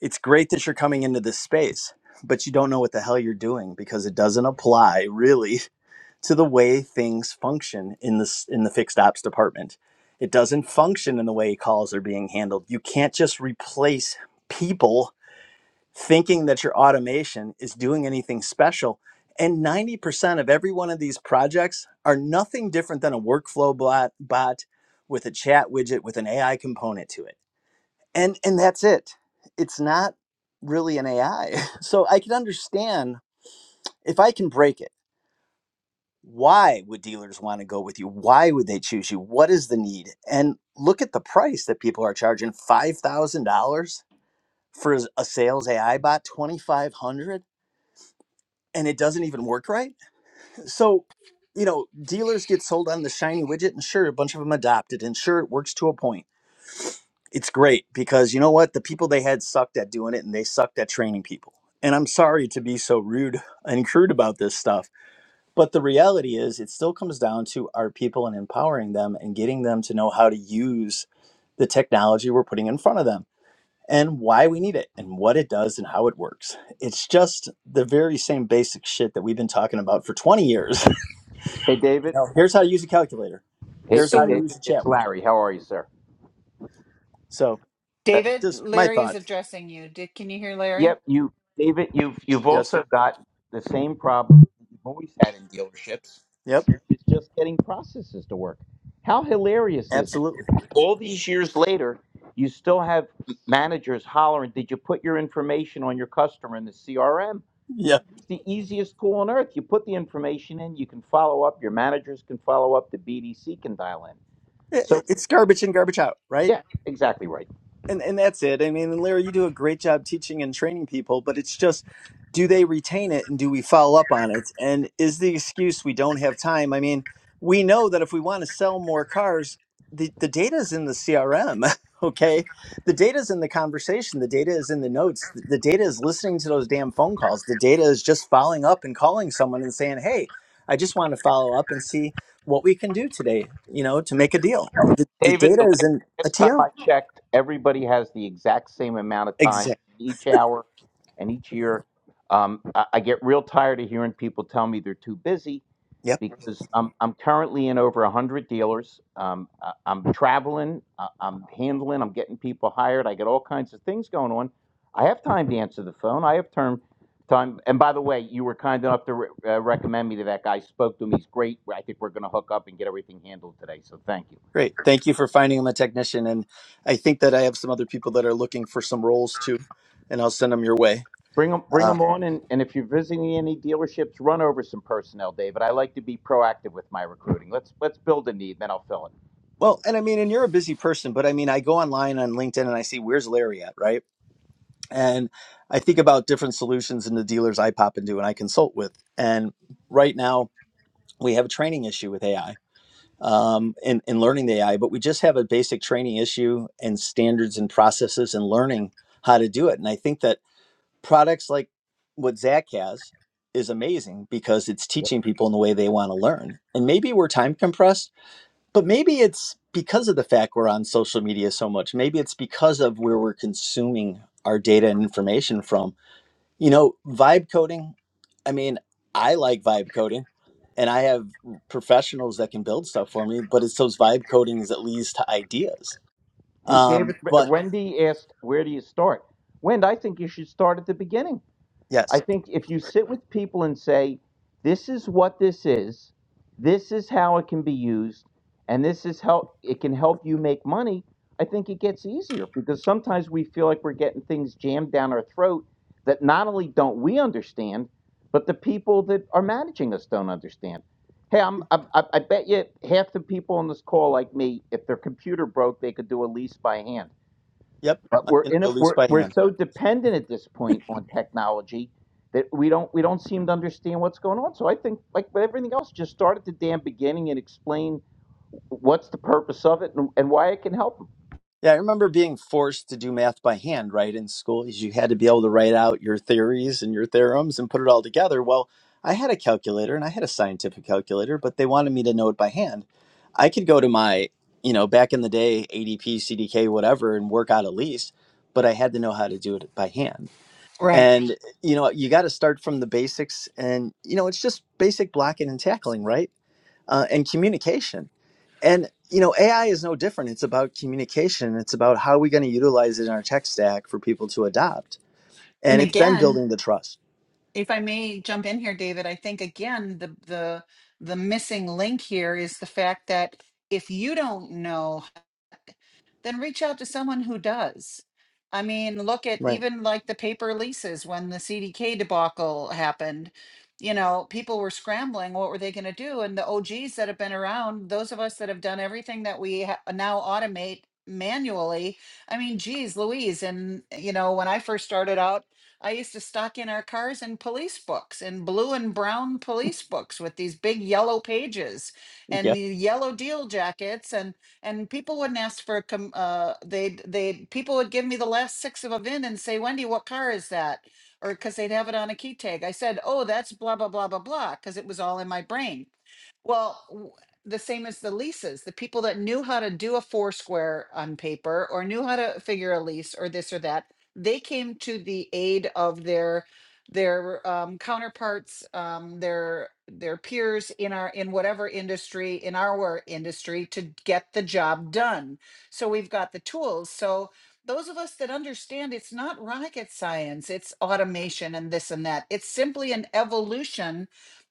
S6: it's great that you're coming into this space but you don't know what the hell you're doing because it doesn't apply really *laughs* to the way things function in this in the fixed ops department it doesn't function in the way calls are being handled you can't just replace people thinking that your automation is doing anything special and 90% of every one of these projects are nothing different than a workflow bot, bot with a chat widget with an ai component to it and and that's it it's not really an ai *laughs* so i can understand if i can break it why would dealers want to go with you why would they choose you what is the need and look at the price that people are charging $5000 for a sales ai bot 2500 and it doesn't even work right so you know dealers get sold on the shiny widget and sure a bunch of them adopt it and sure it works to a point it's great because you know what the people they had sucked at doing it and they sucked at training people and i'm sorry to be so rude *laughs* and crude about this stuff but the reality is it still comes down to our people and empowering them and getting them to know how to use the technology we're putting in front of them and why we need it and what it does and how it works it's just the very same basic shit that we've been talking about for 20 years *laughs*
S9: Hey,
S6: you
S9: David.
S6: know here's how to use a calculator
S9: Hey,
S6: here's
S9: hey,
S6: how to
S1: so
S6: use
S9: David.
S6: a
S9: It's
S6: chat widget
S9: Larry. How are you, sir?
S6: so
S9: Uh,
S1: david
S6: just my
S1: larry's
S6: thoughts
S1: addressing you Did, can you hear larry
S9: yep. You, David. You've you've
S6: yes
S9: also
S6: sir
S9: got the same problem that you've always had in dealerships,
S6: yep
S9: which is just getting processes to work. How hilarious is it?
S6: absolutely
S9: All these years later, you still have managers hollering, "Did you put your information on your customer in the CRM?"
S6: Yeah.
S9: It's the easiest tool on earth. You put the information in, you can follow up. Your managers can follow up. The BDC can dial in.
S6: I-
S9: So,
S6: i- It's garbage in, garbage out, right?
S9: yeah, exactly right.
S6: and and that's it. I mean, and Larry, you do a great job teaching and training people, but it's just do they retain it and do we follow up on it? And is the excuse we don't have time? I mean, we know that if we want to sell more cars, the the data is in the CRM, *laughs* okay? The data is in the conversation, the data is in the notes, the, the data is listening to those damn phone calls. The data is just following up and calling someone and saying, "Hey, I just want to follow up and see what we can do today, you know, to make a deal." The, the
S9: David,
S6: data
S9: the
S6: is in
S9: la-
S6: a
S9: last time
S6: TO.
S9: I checked, everybody has the exact same amount of time
S6: Exactly.
S9: each hour and each year. Um, I, I get real tired of hearing people tell me they're too busy because I'm, I'm currently in over 100 dealers. Um, I, I'm traveling, I, I'm handling, I'm getting people hired. I got all kinds of things going on. I have time to answer the phone. I have term, time. And by the way, you were kind enough to re- uh, recommend me to that guy. Spoke to him. He's great. I think we're going to hook up and get everything handled today. So thank you.
S6: Great. Thank you for finding him a technician. And I think that I have some other people that are looking for some roles too, and I'll send them your way.
S9: Bring them, bring
S6: Uh,
S9: them on, and, and if you're visiting any dealerships, run over some personnel, David. I like to be proactive with my recruiting. Let's let's build a need, then I'll fill it.
S6: well, and I mean, and you're a busy person, but I mean, I go online on LinkedIn and I see where's Larry at, right? And I think about different solutions in the dealers I pop into and I consult with. And right now, we have a training issue with AI um, and, and learning the AI, but we just have a basic training issue and standards and processes and learning how to do it. And I think that products like what Zach has is amazing because it's
S9: Yep.
S6: teaching people in the way they want to learn. And maybe we're time compressed, but maybe it's because of the fact we're on social media so much. Maybe it's because of where we're consuming our data and information from. You know, vibe coding, I mean, I like vibe coding and I have professionals that can build stuff for me, but it's those vibe codings that leads to ideas.
S9: Hey,
S6: Um,
S9: David, R-
S6: but
S9: Wendy asked, where do you start? Wendy, I think you should start at the beginning.
S6: yes.
S9: I think if you sit with people and say, this is what this is, this is how it can be used, and this is how it can help you make money, I think it gets easier because sometimes we feel like we're getting things jammed down our throat that not only don't we understand, but the people that are managing us don't understand. Hey, I'm, I, I I bet you half the people on this call, like me, if their computer broke, they could do a lease by hand.
S6: Yep,
S9: But
S6: I
S9: we're
S6: can
S9: in
S6: do a
S9: it.
S6: loose
S9: We're
S6: by
S9: we're
S6: hand.
S9: so dependent at this point on technology that we don't we don't seem to understand what's going on. So I think, like with everything else, just start at the damn beginning and explain what's the purpose of it and, and why it can help 'em.
S6: Yeah, I remember being forced to do math by hand, right, in school, is you had to be able to write out your theories and your theorems and put it all together. Well. I had a calculator and I had a scientific calculator, but they wanted me to know it by hand. I could go to my, you know, back in the day, ADP, CDK, whatever, and work out a lease, but I had to know how to do it by hand.
S1: right
S6: And, you know, you got to start from the basics. And, you know, it's just basic blocking and tackling, right? Uh, and communication. And, you know, AI is no different. It's about communication, it's about how we're going to utilize it in our tech stack for people to adopt.
S1: and
S6: And it's then
S1: again
S6: building the trust.
S1: if I may jump in here, David, I think again the the the missing link here is the fact that if you don't know then reach out to someone who does. I mean, look at
S6: Right.
S1: even like the paper leases when the CDK debacle happened. You know, people were scrambling. What were they going to do? And the OGs that have been around, those of us that have done everything that we ha- now automate manually. I mean, geez, Louise. And, you know, when I first started out, I used to stock in our cars in police books, in blue and brown police books with these big yellow pages and
S6: Yeah.
S1: the yellow deal jackets. And and people wouldn't ask for a com- uh they'd they'd people would give me the last six of a VIN and say, Wendy, what car is that? Or because they'd have it on a key tag. I said, Oh, that's blah blah blah blah blah, because it was all in my brain. Well, w- the same as the leases, the people that knew how to do a four square on paper or knew how to figure a lease or this or that, they came to the aid of their their um, counterparts, um, their their peers in our in whatever industry in our industry to get the job done. So we've got the tools. So those of us that understand it's not rocket science, it's automation and this and that. It's simply an evolution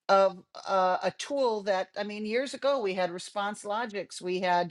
S1: of uh, a tool that I mean, years ago we had Response Logics, we had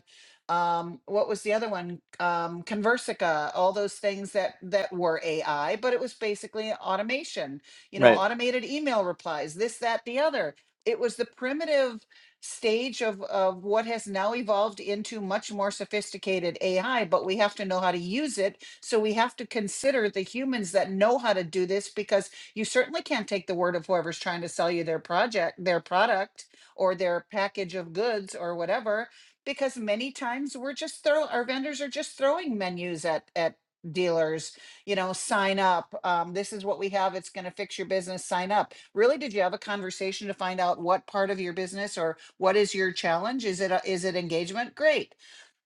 S1: um what was the other one um conversica all those things that that were ai but it was basically automation you know
S6: Right.
S1: automated email replies this that the other it was the primitive stage of of what has now evolved into much more sophisticated ai but we have to know how to use it so we have to consider the humans that know how to do this because you certainly can't take the word of whoever's trying to sell you their project their product or their package of goods or whatever because many times we're just throw our vendors are just throwing menus at at dealers you know sign up um, this is what we have it's going to fix your business sign up really did you have a conversation to find out what part of your business or what is your challenge is it a, is it engagement great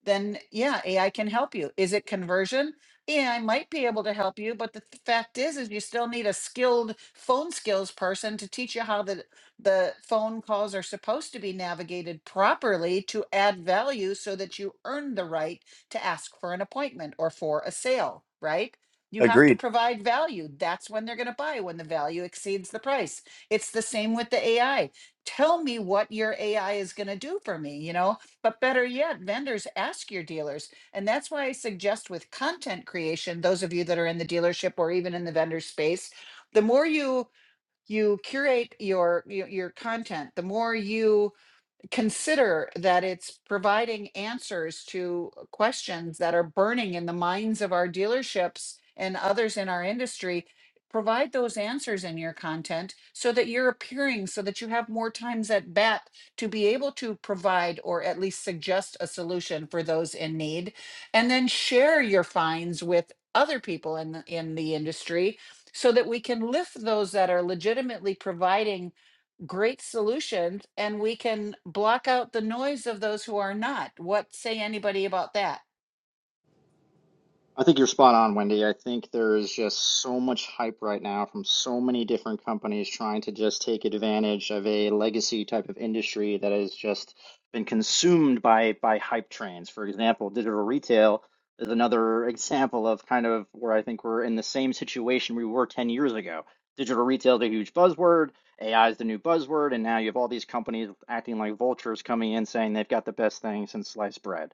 S1: then yeah ai can help you is it conversion AI might be able to help you, but the th- fact is, is you still need a skilled phone skills person to teach you how the the phone calls are supposed to be navigated properly to add value so that you earn the right to ask for an appointment or for a sale, right? You have to
S6: Agreed.
S1: provide value. That's when they're going to buy, when the value exceeds the price. It's the same with the AI. Tell me what your AI is going to do for me, you know? But better yet, vendors ask your dealers. And that's why I suggest with content creation, those of you that are in the dealership or even in the vendor space, the more you you curate your your, your content the more you consider that it's providing answers to uh, questions that are burning in the minds of our dealerships and others in our industry. Provide those answers in your content so that you're appearing, so that you have more times at bat to be able to provide or at least suggest a solution for those in need. And then share your finds with other people in the, in the industry so that we can lift those that are legitimately providing great solutions and we can block out the noise of those who are not. What say anybody about that?
S10: I think you're spot on, Wendy. I think there is just so much hype right now from so many different companies trying to just take advantage of a legacy type of industry that has just been consumed by by hype trains. For example, digital retail is another example of kind of where I think we're in the same situation we were 10 years ago. Digital retail is a huge buzzword, AI is the new buzzword, and now you have all these companies acting like vultures coming in saying they've got the best thing since sliced bread.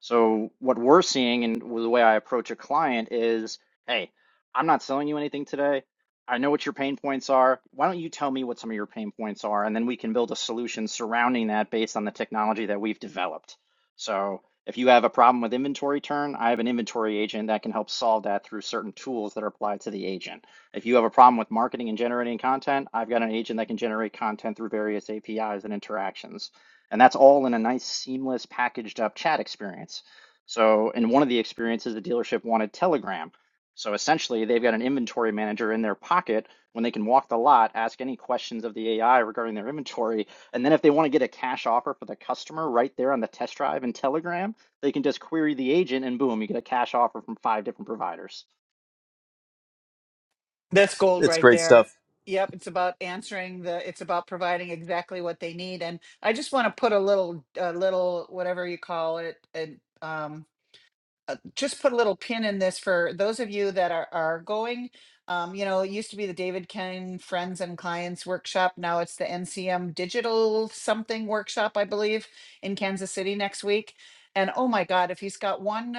S10: So what we're seeing and the way I approach a client is, hey, I'm not selling you anything today. I know what your pain points are. Why don't you tell me what some of your pain points are? And then we can build a solution surrounding that based on the technology that we've developed. So if you have a problem with inventory turn, I have an inventory agent that can help solve that through certain tools that are applied to the agent. If you have a problem with marketing and generating content, I've got an agent that can generate content through various APIs and interactions. And that's all in a nice, seamless, packaged up chat experience. So, in one of the experiences, the dealership wanted Telegram. So, essentially, they've got an inventory manager in their pocket when they can walk the lot, ask any questions of the AI regarding their inventory. And then, if they want to get a cash offer for the customer right there on the test drive in Telegram, they can just query the agent and boom, you get a cash offer from five different providers.
S1: That's gold
S6: It's
S1: right
S6: great
S1: there.
S6: stuff.
S1: Yep, it's about answering the it's about providing exactly what they need and I just want to put a little a little whatever you call it and. uh, just put a little pin in this for those of you that are, are going. Um, you know, it used to be the David Ken Friends and Clients Workshop. Now it's the NCM Digital something workshop, I believe, in Kansas City next week. And oh my God, if he's got one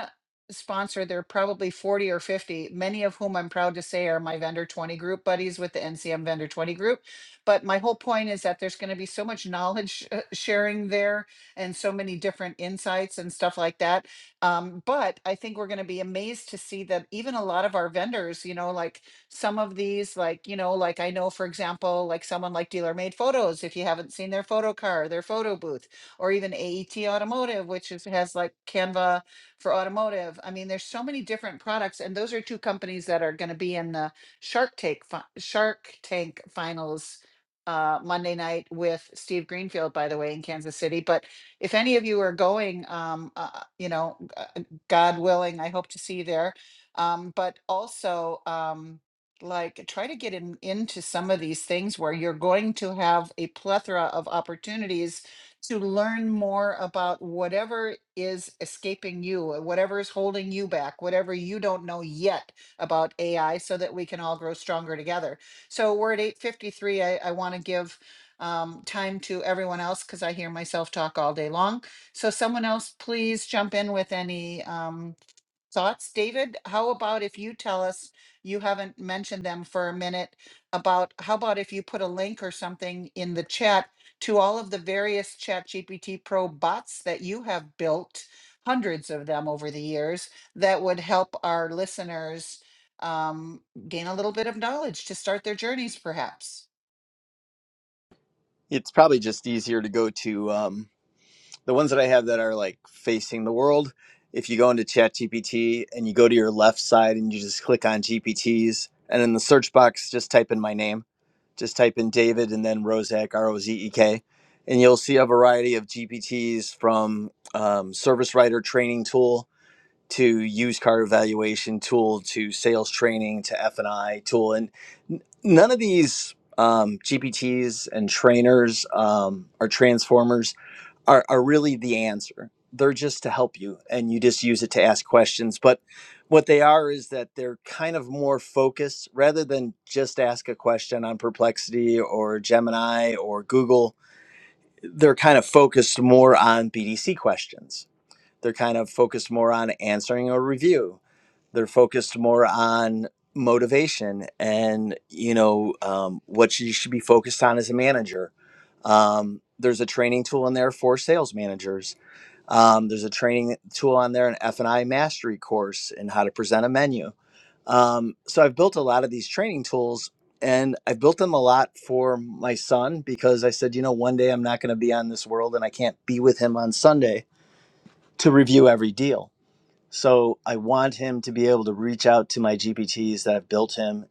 S1: sponsor, there are probably 40 or 50, many of whom I'm proud to say are my Vendor 20 group buddies with the NCM Vendor 20 group. But my whole point is that there's going to be so much knowledge uh, sharing there and so many different insights and stuff like that um, but I think we're going to be amazed to see that even a lot of our vendors, you know, like some of these, like, you know, like I know, for example, like someone like Dealer Made Photos, if you haven't seen their photo car, their photo booth, or even AET Automotive, which is, has like Canva for automotive. I mean, there's so many different products, and those are two companies that are going to be in the Shark Tank, fi- Shark Tank finals uh, Monday night with Steve Greenfield, by the way, in Kansas City. But if any of you are going, um, uh, uh, you know, g- uh, uh, God willing, I hope to see you there. Um, but also, um, like, try to get in, into some of these things where you're going to have a plethora of opportunities to learn more about whatever is escaping you, or whatever is holding you back, whatever you don't know yet about AI, so that we can all grow stronger together. So we're at 8:53. I, I want to give um, time to everyone else because I hear myself talk all day long. So someone else, please jump in with any um, thoughts. David, how about if you tell us, you haven't mentioned them for a minute, about how about if you put a link or something in the chat to all of the various ChatGPT Pro bots that you have built, hundreds of them over the years, that would help our listeners um, gain a little bit of knowledge to start their journeys perhaps.
S6: It's probably just easier to go to um, the ones that I have that are like facing the world. If you go into ChatGPT and you go to your left side and you just click on GPTs, and in the search box, just type in my name. Just type in David and then Rozek, R O Z E K, and you'll see a variety of GPTs from um, Service Writer Training Tool to used car evaluation tool to sales training to f&i tool and n- none of these um, gpts and trainers um, or transformers are, are really the answer they're just to help you and you just use it to ask questions but what they are is that they're kind of more focused rather than just ask a question on perplexity or gemini or google they're kind of focused more on bdc questions they're kind of focused more on answering a review they're focused more on motivation and you know um, what you should be focused on as a manager um, there's a training tool in there for sales managers um, there's a training tool on there an f&i mastery course in how to present a menu um, so i've built a lot of these training tools and i have built them a lot for my son because i said you know one day i'm not going to be on this world and i can't be with him on sunday to review every deal so I want him to be able to reach out to my GPTs that have built him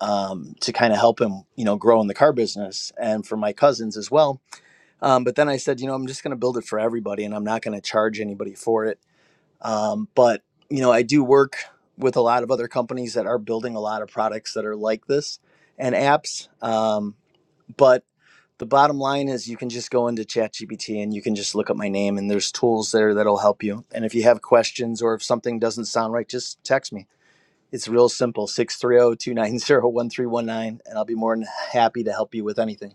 S6: um, to kind of help him, you know, grow in the car business and for my cousins as well. Um, but then I said, you know, I'm just going to build it for everybody and I'm not going to charge anybody for it. Um, but, you know, I do work with a lot of other companies that are building a lot of products that are like this and apps. Um, but the bottom line is you can just go into ChatGPT and you can just look up my name and there's tools there that'll help you. And if you have questions or if something doesn't sound right, just text me. It's real simple, six three zero two nine zero one three one nine, and I'll be more than happy to help you with anything.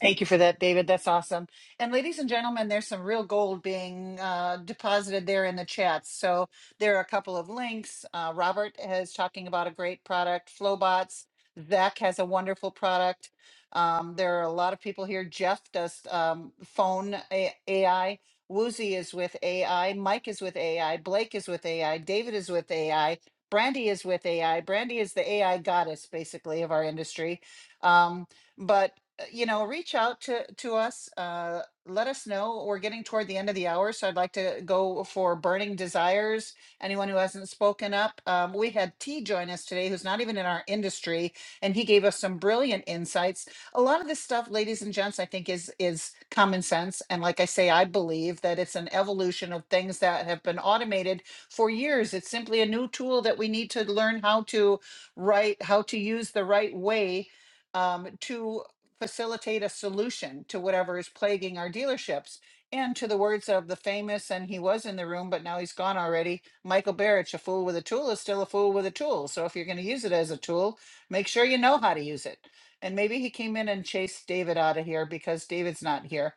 S1: Thank you for that, David. That's awesome. And ladies and gentlemen, there's some real gold being uh, deposited there in the chat. So there are a couple of links. Uh, Robert is talking about a great product, Flowbots. Zach has a wonderful product. Um, there are a lot of people here. Jeff does um, phone A- AI. Woozy is with AI. Mike is with AI. Blake is with AI. David is with AI. Brandy is with AI. Brandy is the AI goddess, basically, of our industry. Um, but uh, you know, reach out to to us. Uh, let us know. We're getting toward the end of the hour, so I'd like to go for burning desires. Anyone who hasn't spoken up, um, we had T join us today, who's not even in our industry, and he gave us some brilliant insights. A lot of this stuff, ladies and gents, I think is is common sense, and like I say, I believe that it's an evolution of things that have been automated for years. It's simply a new tool that we need to learn how to write, how to use the right way um, to facilitate a solution to whatever is plaguing our dealerships. And to the words of the famous, and he was in the room, but now he's gone already, Michael Barrich, a fool with a tool is still a fool with a tool. So if you're going to use it as a tool, make sure you know how to use it. And maybe he came in and chased David out of here because David's not here.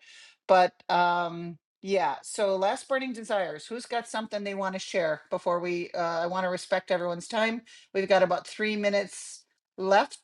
S1: But um, yeah, so last burning desires. Who's got something they want to share before we? Uh, I want to respect everyone's time. We've got about three minutes left.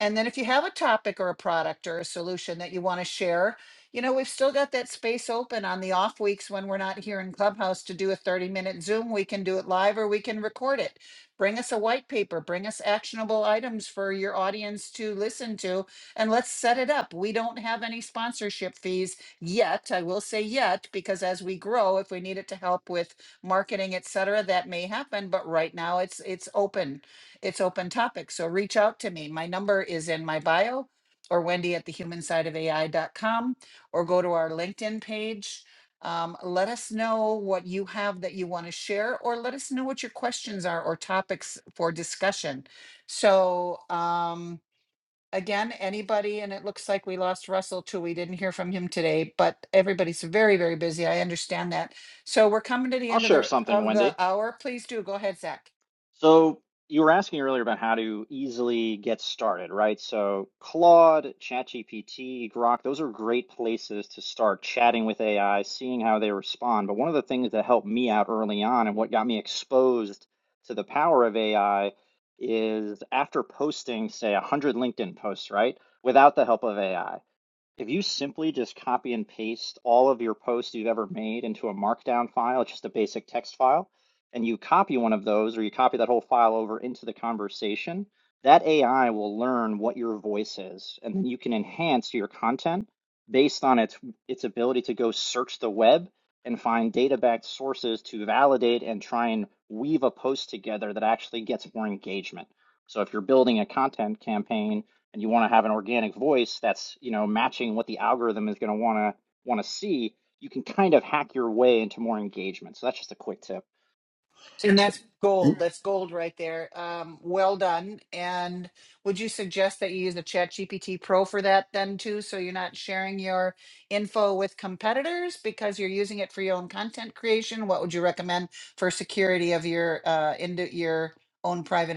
S1: And then if you have a topic or a product or a solution that you want to share, you know, we've still got that space open on the off weeks when we're not here in Clubhouse to do a 30 minute Zoom. We can do it live or we can record it. Bring us a white paper, bring us actionable items for your audience to listen to, and let's set it up. We don't have any sponsorship fees yet. I will say yet, because as we grow, if we need it to help with marketing, et cetera, that may happen. But right now it's it's open it's open topic. So reach out to me. My number is in my bio or Wendy at the human side of AI.com or go to our LinkedIn page. Um, let us know what you have that you want to share, or let us know what your questions are or topics for discussion. So, um, again, anybody, and it looks like we lost Russell too. We didn't hear from him today, but everybody's very, very busy. I understand that. So, we're coming to the
S10: I'll
S1: end of
S10: share
S1: the
S10: something,
S1: of
S10: Wendy.
S1: the hour. Please do go ahead, Zach.
S10: So you were asking earlier about how to easily get started, right? So Claude, ChatGPT, Grok, those are great places to start chatting with AI, seeing how they respond. But one of the things that helped me out early on and what got me exposed to the power of AI is after posting, say, 100 LinkedIn posts, right? Without the help of AI. If you simply just copy and paste all of your posts you've ever made into a markdown file, just a basic text file, and you copy one of those or you copy that whole file over into the conversation, that AI will learn what your voice is, and then you can enhance your content based on its its ability to go search the web and find data-backed sources to validate and try and weave a post together that actually gets more engagement. So if you're building a content campaign, and you want to have an organic voice that's you know matching what the algorithm is going to want to want to see you can kind of hack your way into more engagement so that's just a quick tip
S1: And that's gold. That's gold right there. Um, well done. And would you suggest that you use a ChatGPT Pro for that then too, so you're not sharing your info with competitors because you're using it for your own content creation? What would you recommend for security of your uh, into your own private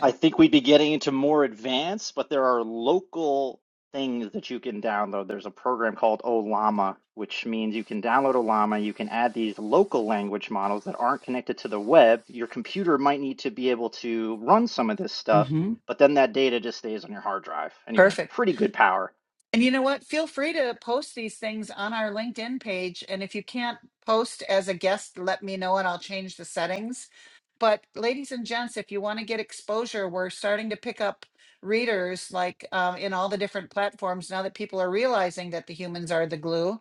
S10: i think we'd be getting into more advanced but there are local things that you can download there's a program called olama which means you can download olama you can add these local language models that aren't connected to the web your computer might need to be able to run some of this stuff
S1: hmm
S10: but then that data just stays on your hard drive and you get
S1: Perfect.
S10: pretty good power
S1: And you know what? Feel free to post these things on our LinkedIn page. And if you can't post as a guest, let me know and I'll change the settings. But ladies and gents, if you want to get exposure, we're starting to pick up readers like um, in all the different platforms now that people are realizing that the humans are the glue.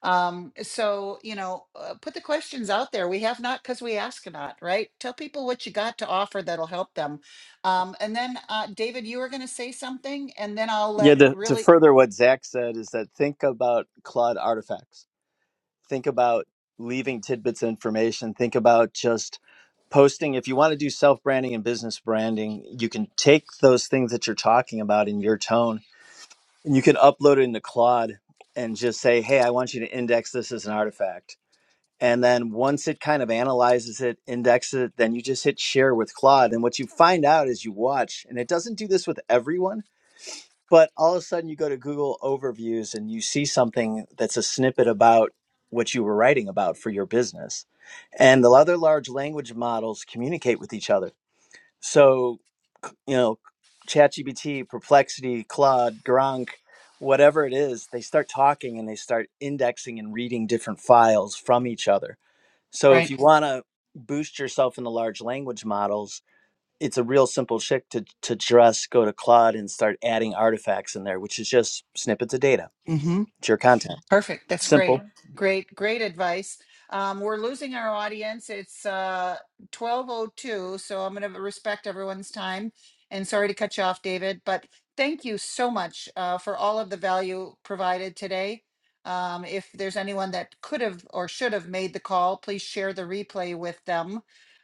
S1: Um, so, you know, uh, put the questions out there. We have not because we ask not, right? Tell people what you got to offer that'll help them. Um, and then, uh, David, you were going to say something, and then I'll
S6: Yeah,
S1: let
S6: to, to
S1: really
S6: further what Zach said is that think about Claude artifacts. Think about leaving tidbits of information. Think about just posting if you want to do self branding and business branding you can take those things that you're talking about in your tone and you can upload it into Claude and just say, "Hey, I want you to index this as an artifact." And then once it kind of analyzes it, indexes it, then you just hit share with Claude. And what you find out is you watch, and it doesn't do this with everyone, but all of a sudden you go to Google Overviews and you see something that's a snippet about what you were writing about for your business. And the other large language models communicate with each other. So, c- you know, ChatGPT, Perplexity, Claude, Gronk, whatever it is, they start talking and they start indexing and reading different files from each other. So, if
S1: Right.
S6: you want to boost yourself in the large language models, it's a real simple trick to, to just go to Claude and start adding artifacts in there, which is just snippets of data.
S1: Mm-hmm.
S6: It's your content.
S1: Perfect. That's
S6: Simple.
S1: great. Great, great advice. Um, we're losing our audience. It's uh, 12.02, so I'm going to respect everyone's time. And sorry to cut you off, David, but thank you so much uh, for all of the value provided today. Um, if there's anyone that could have or should have made the call, please share the replay with them.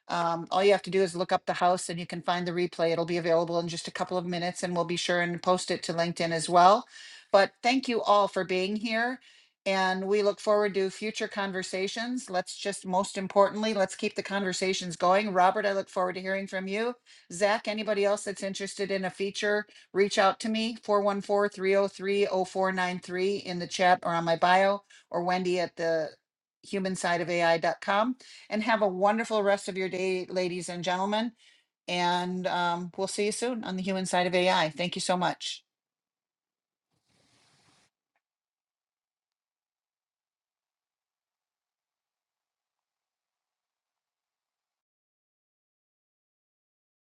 S1: Um, all you have to do is look up the house and you can find the replay. It'll be available in just a couple of minutes, and we'll be sure and post it to LinkedIn as well. But thank you all for being here. And we look forward to future conversations. Let's just, most importantly, let's keep the conversations going. Robert, I look forward to hearing from you. Zach, anybody else that's interested in a feature, reach out to me, four one four three zero three zero four nine three in the chat or on my bio, or Wendy at the humansideofai.com. And have a wonderful rest of your day, ladies and gentlemen. And um, we'll see you soon on the human side of AI. Thank you so much.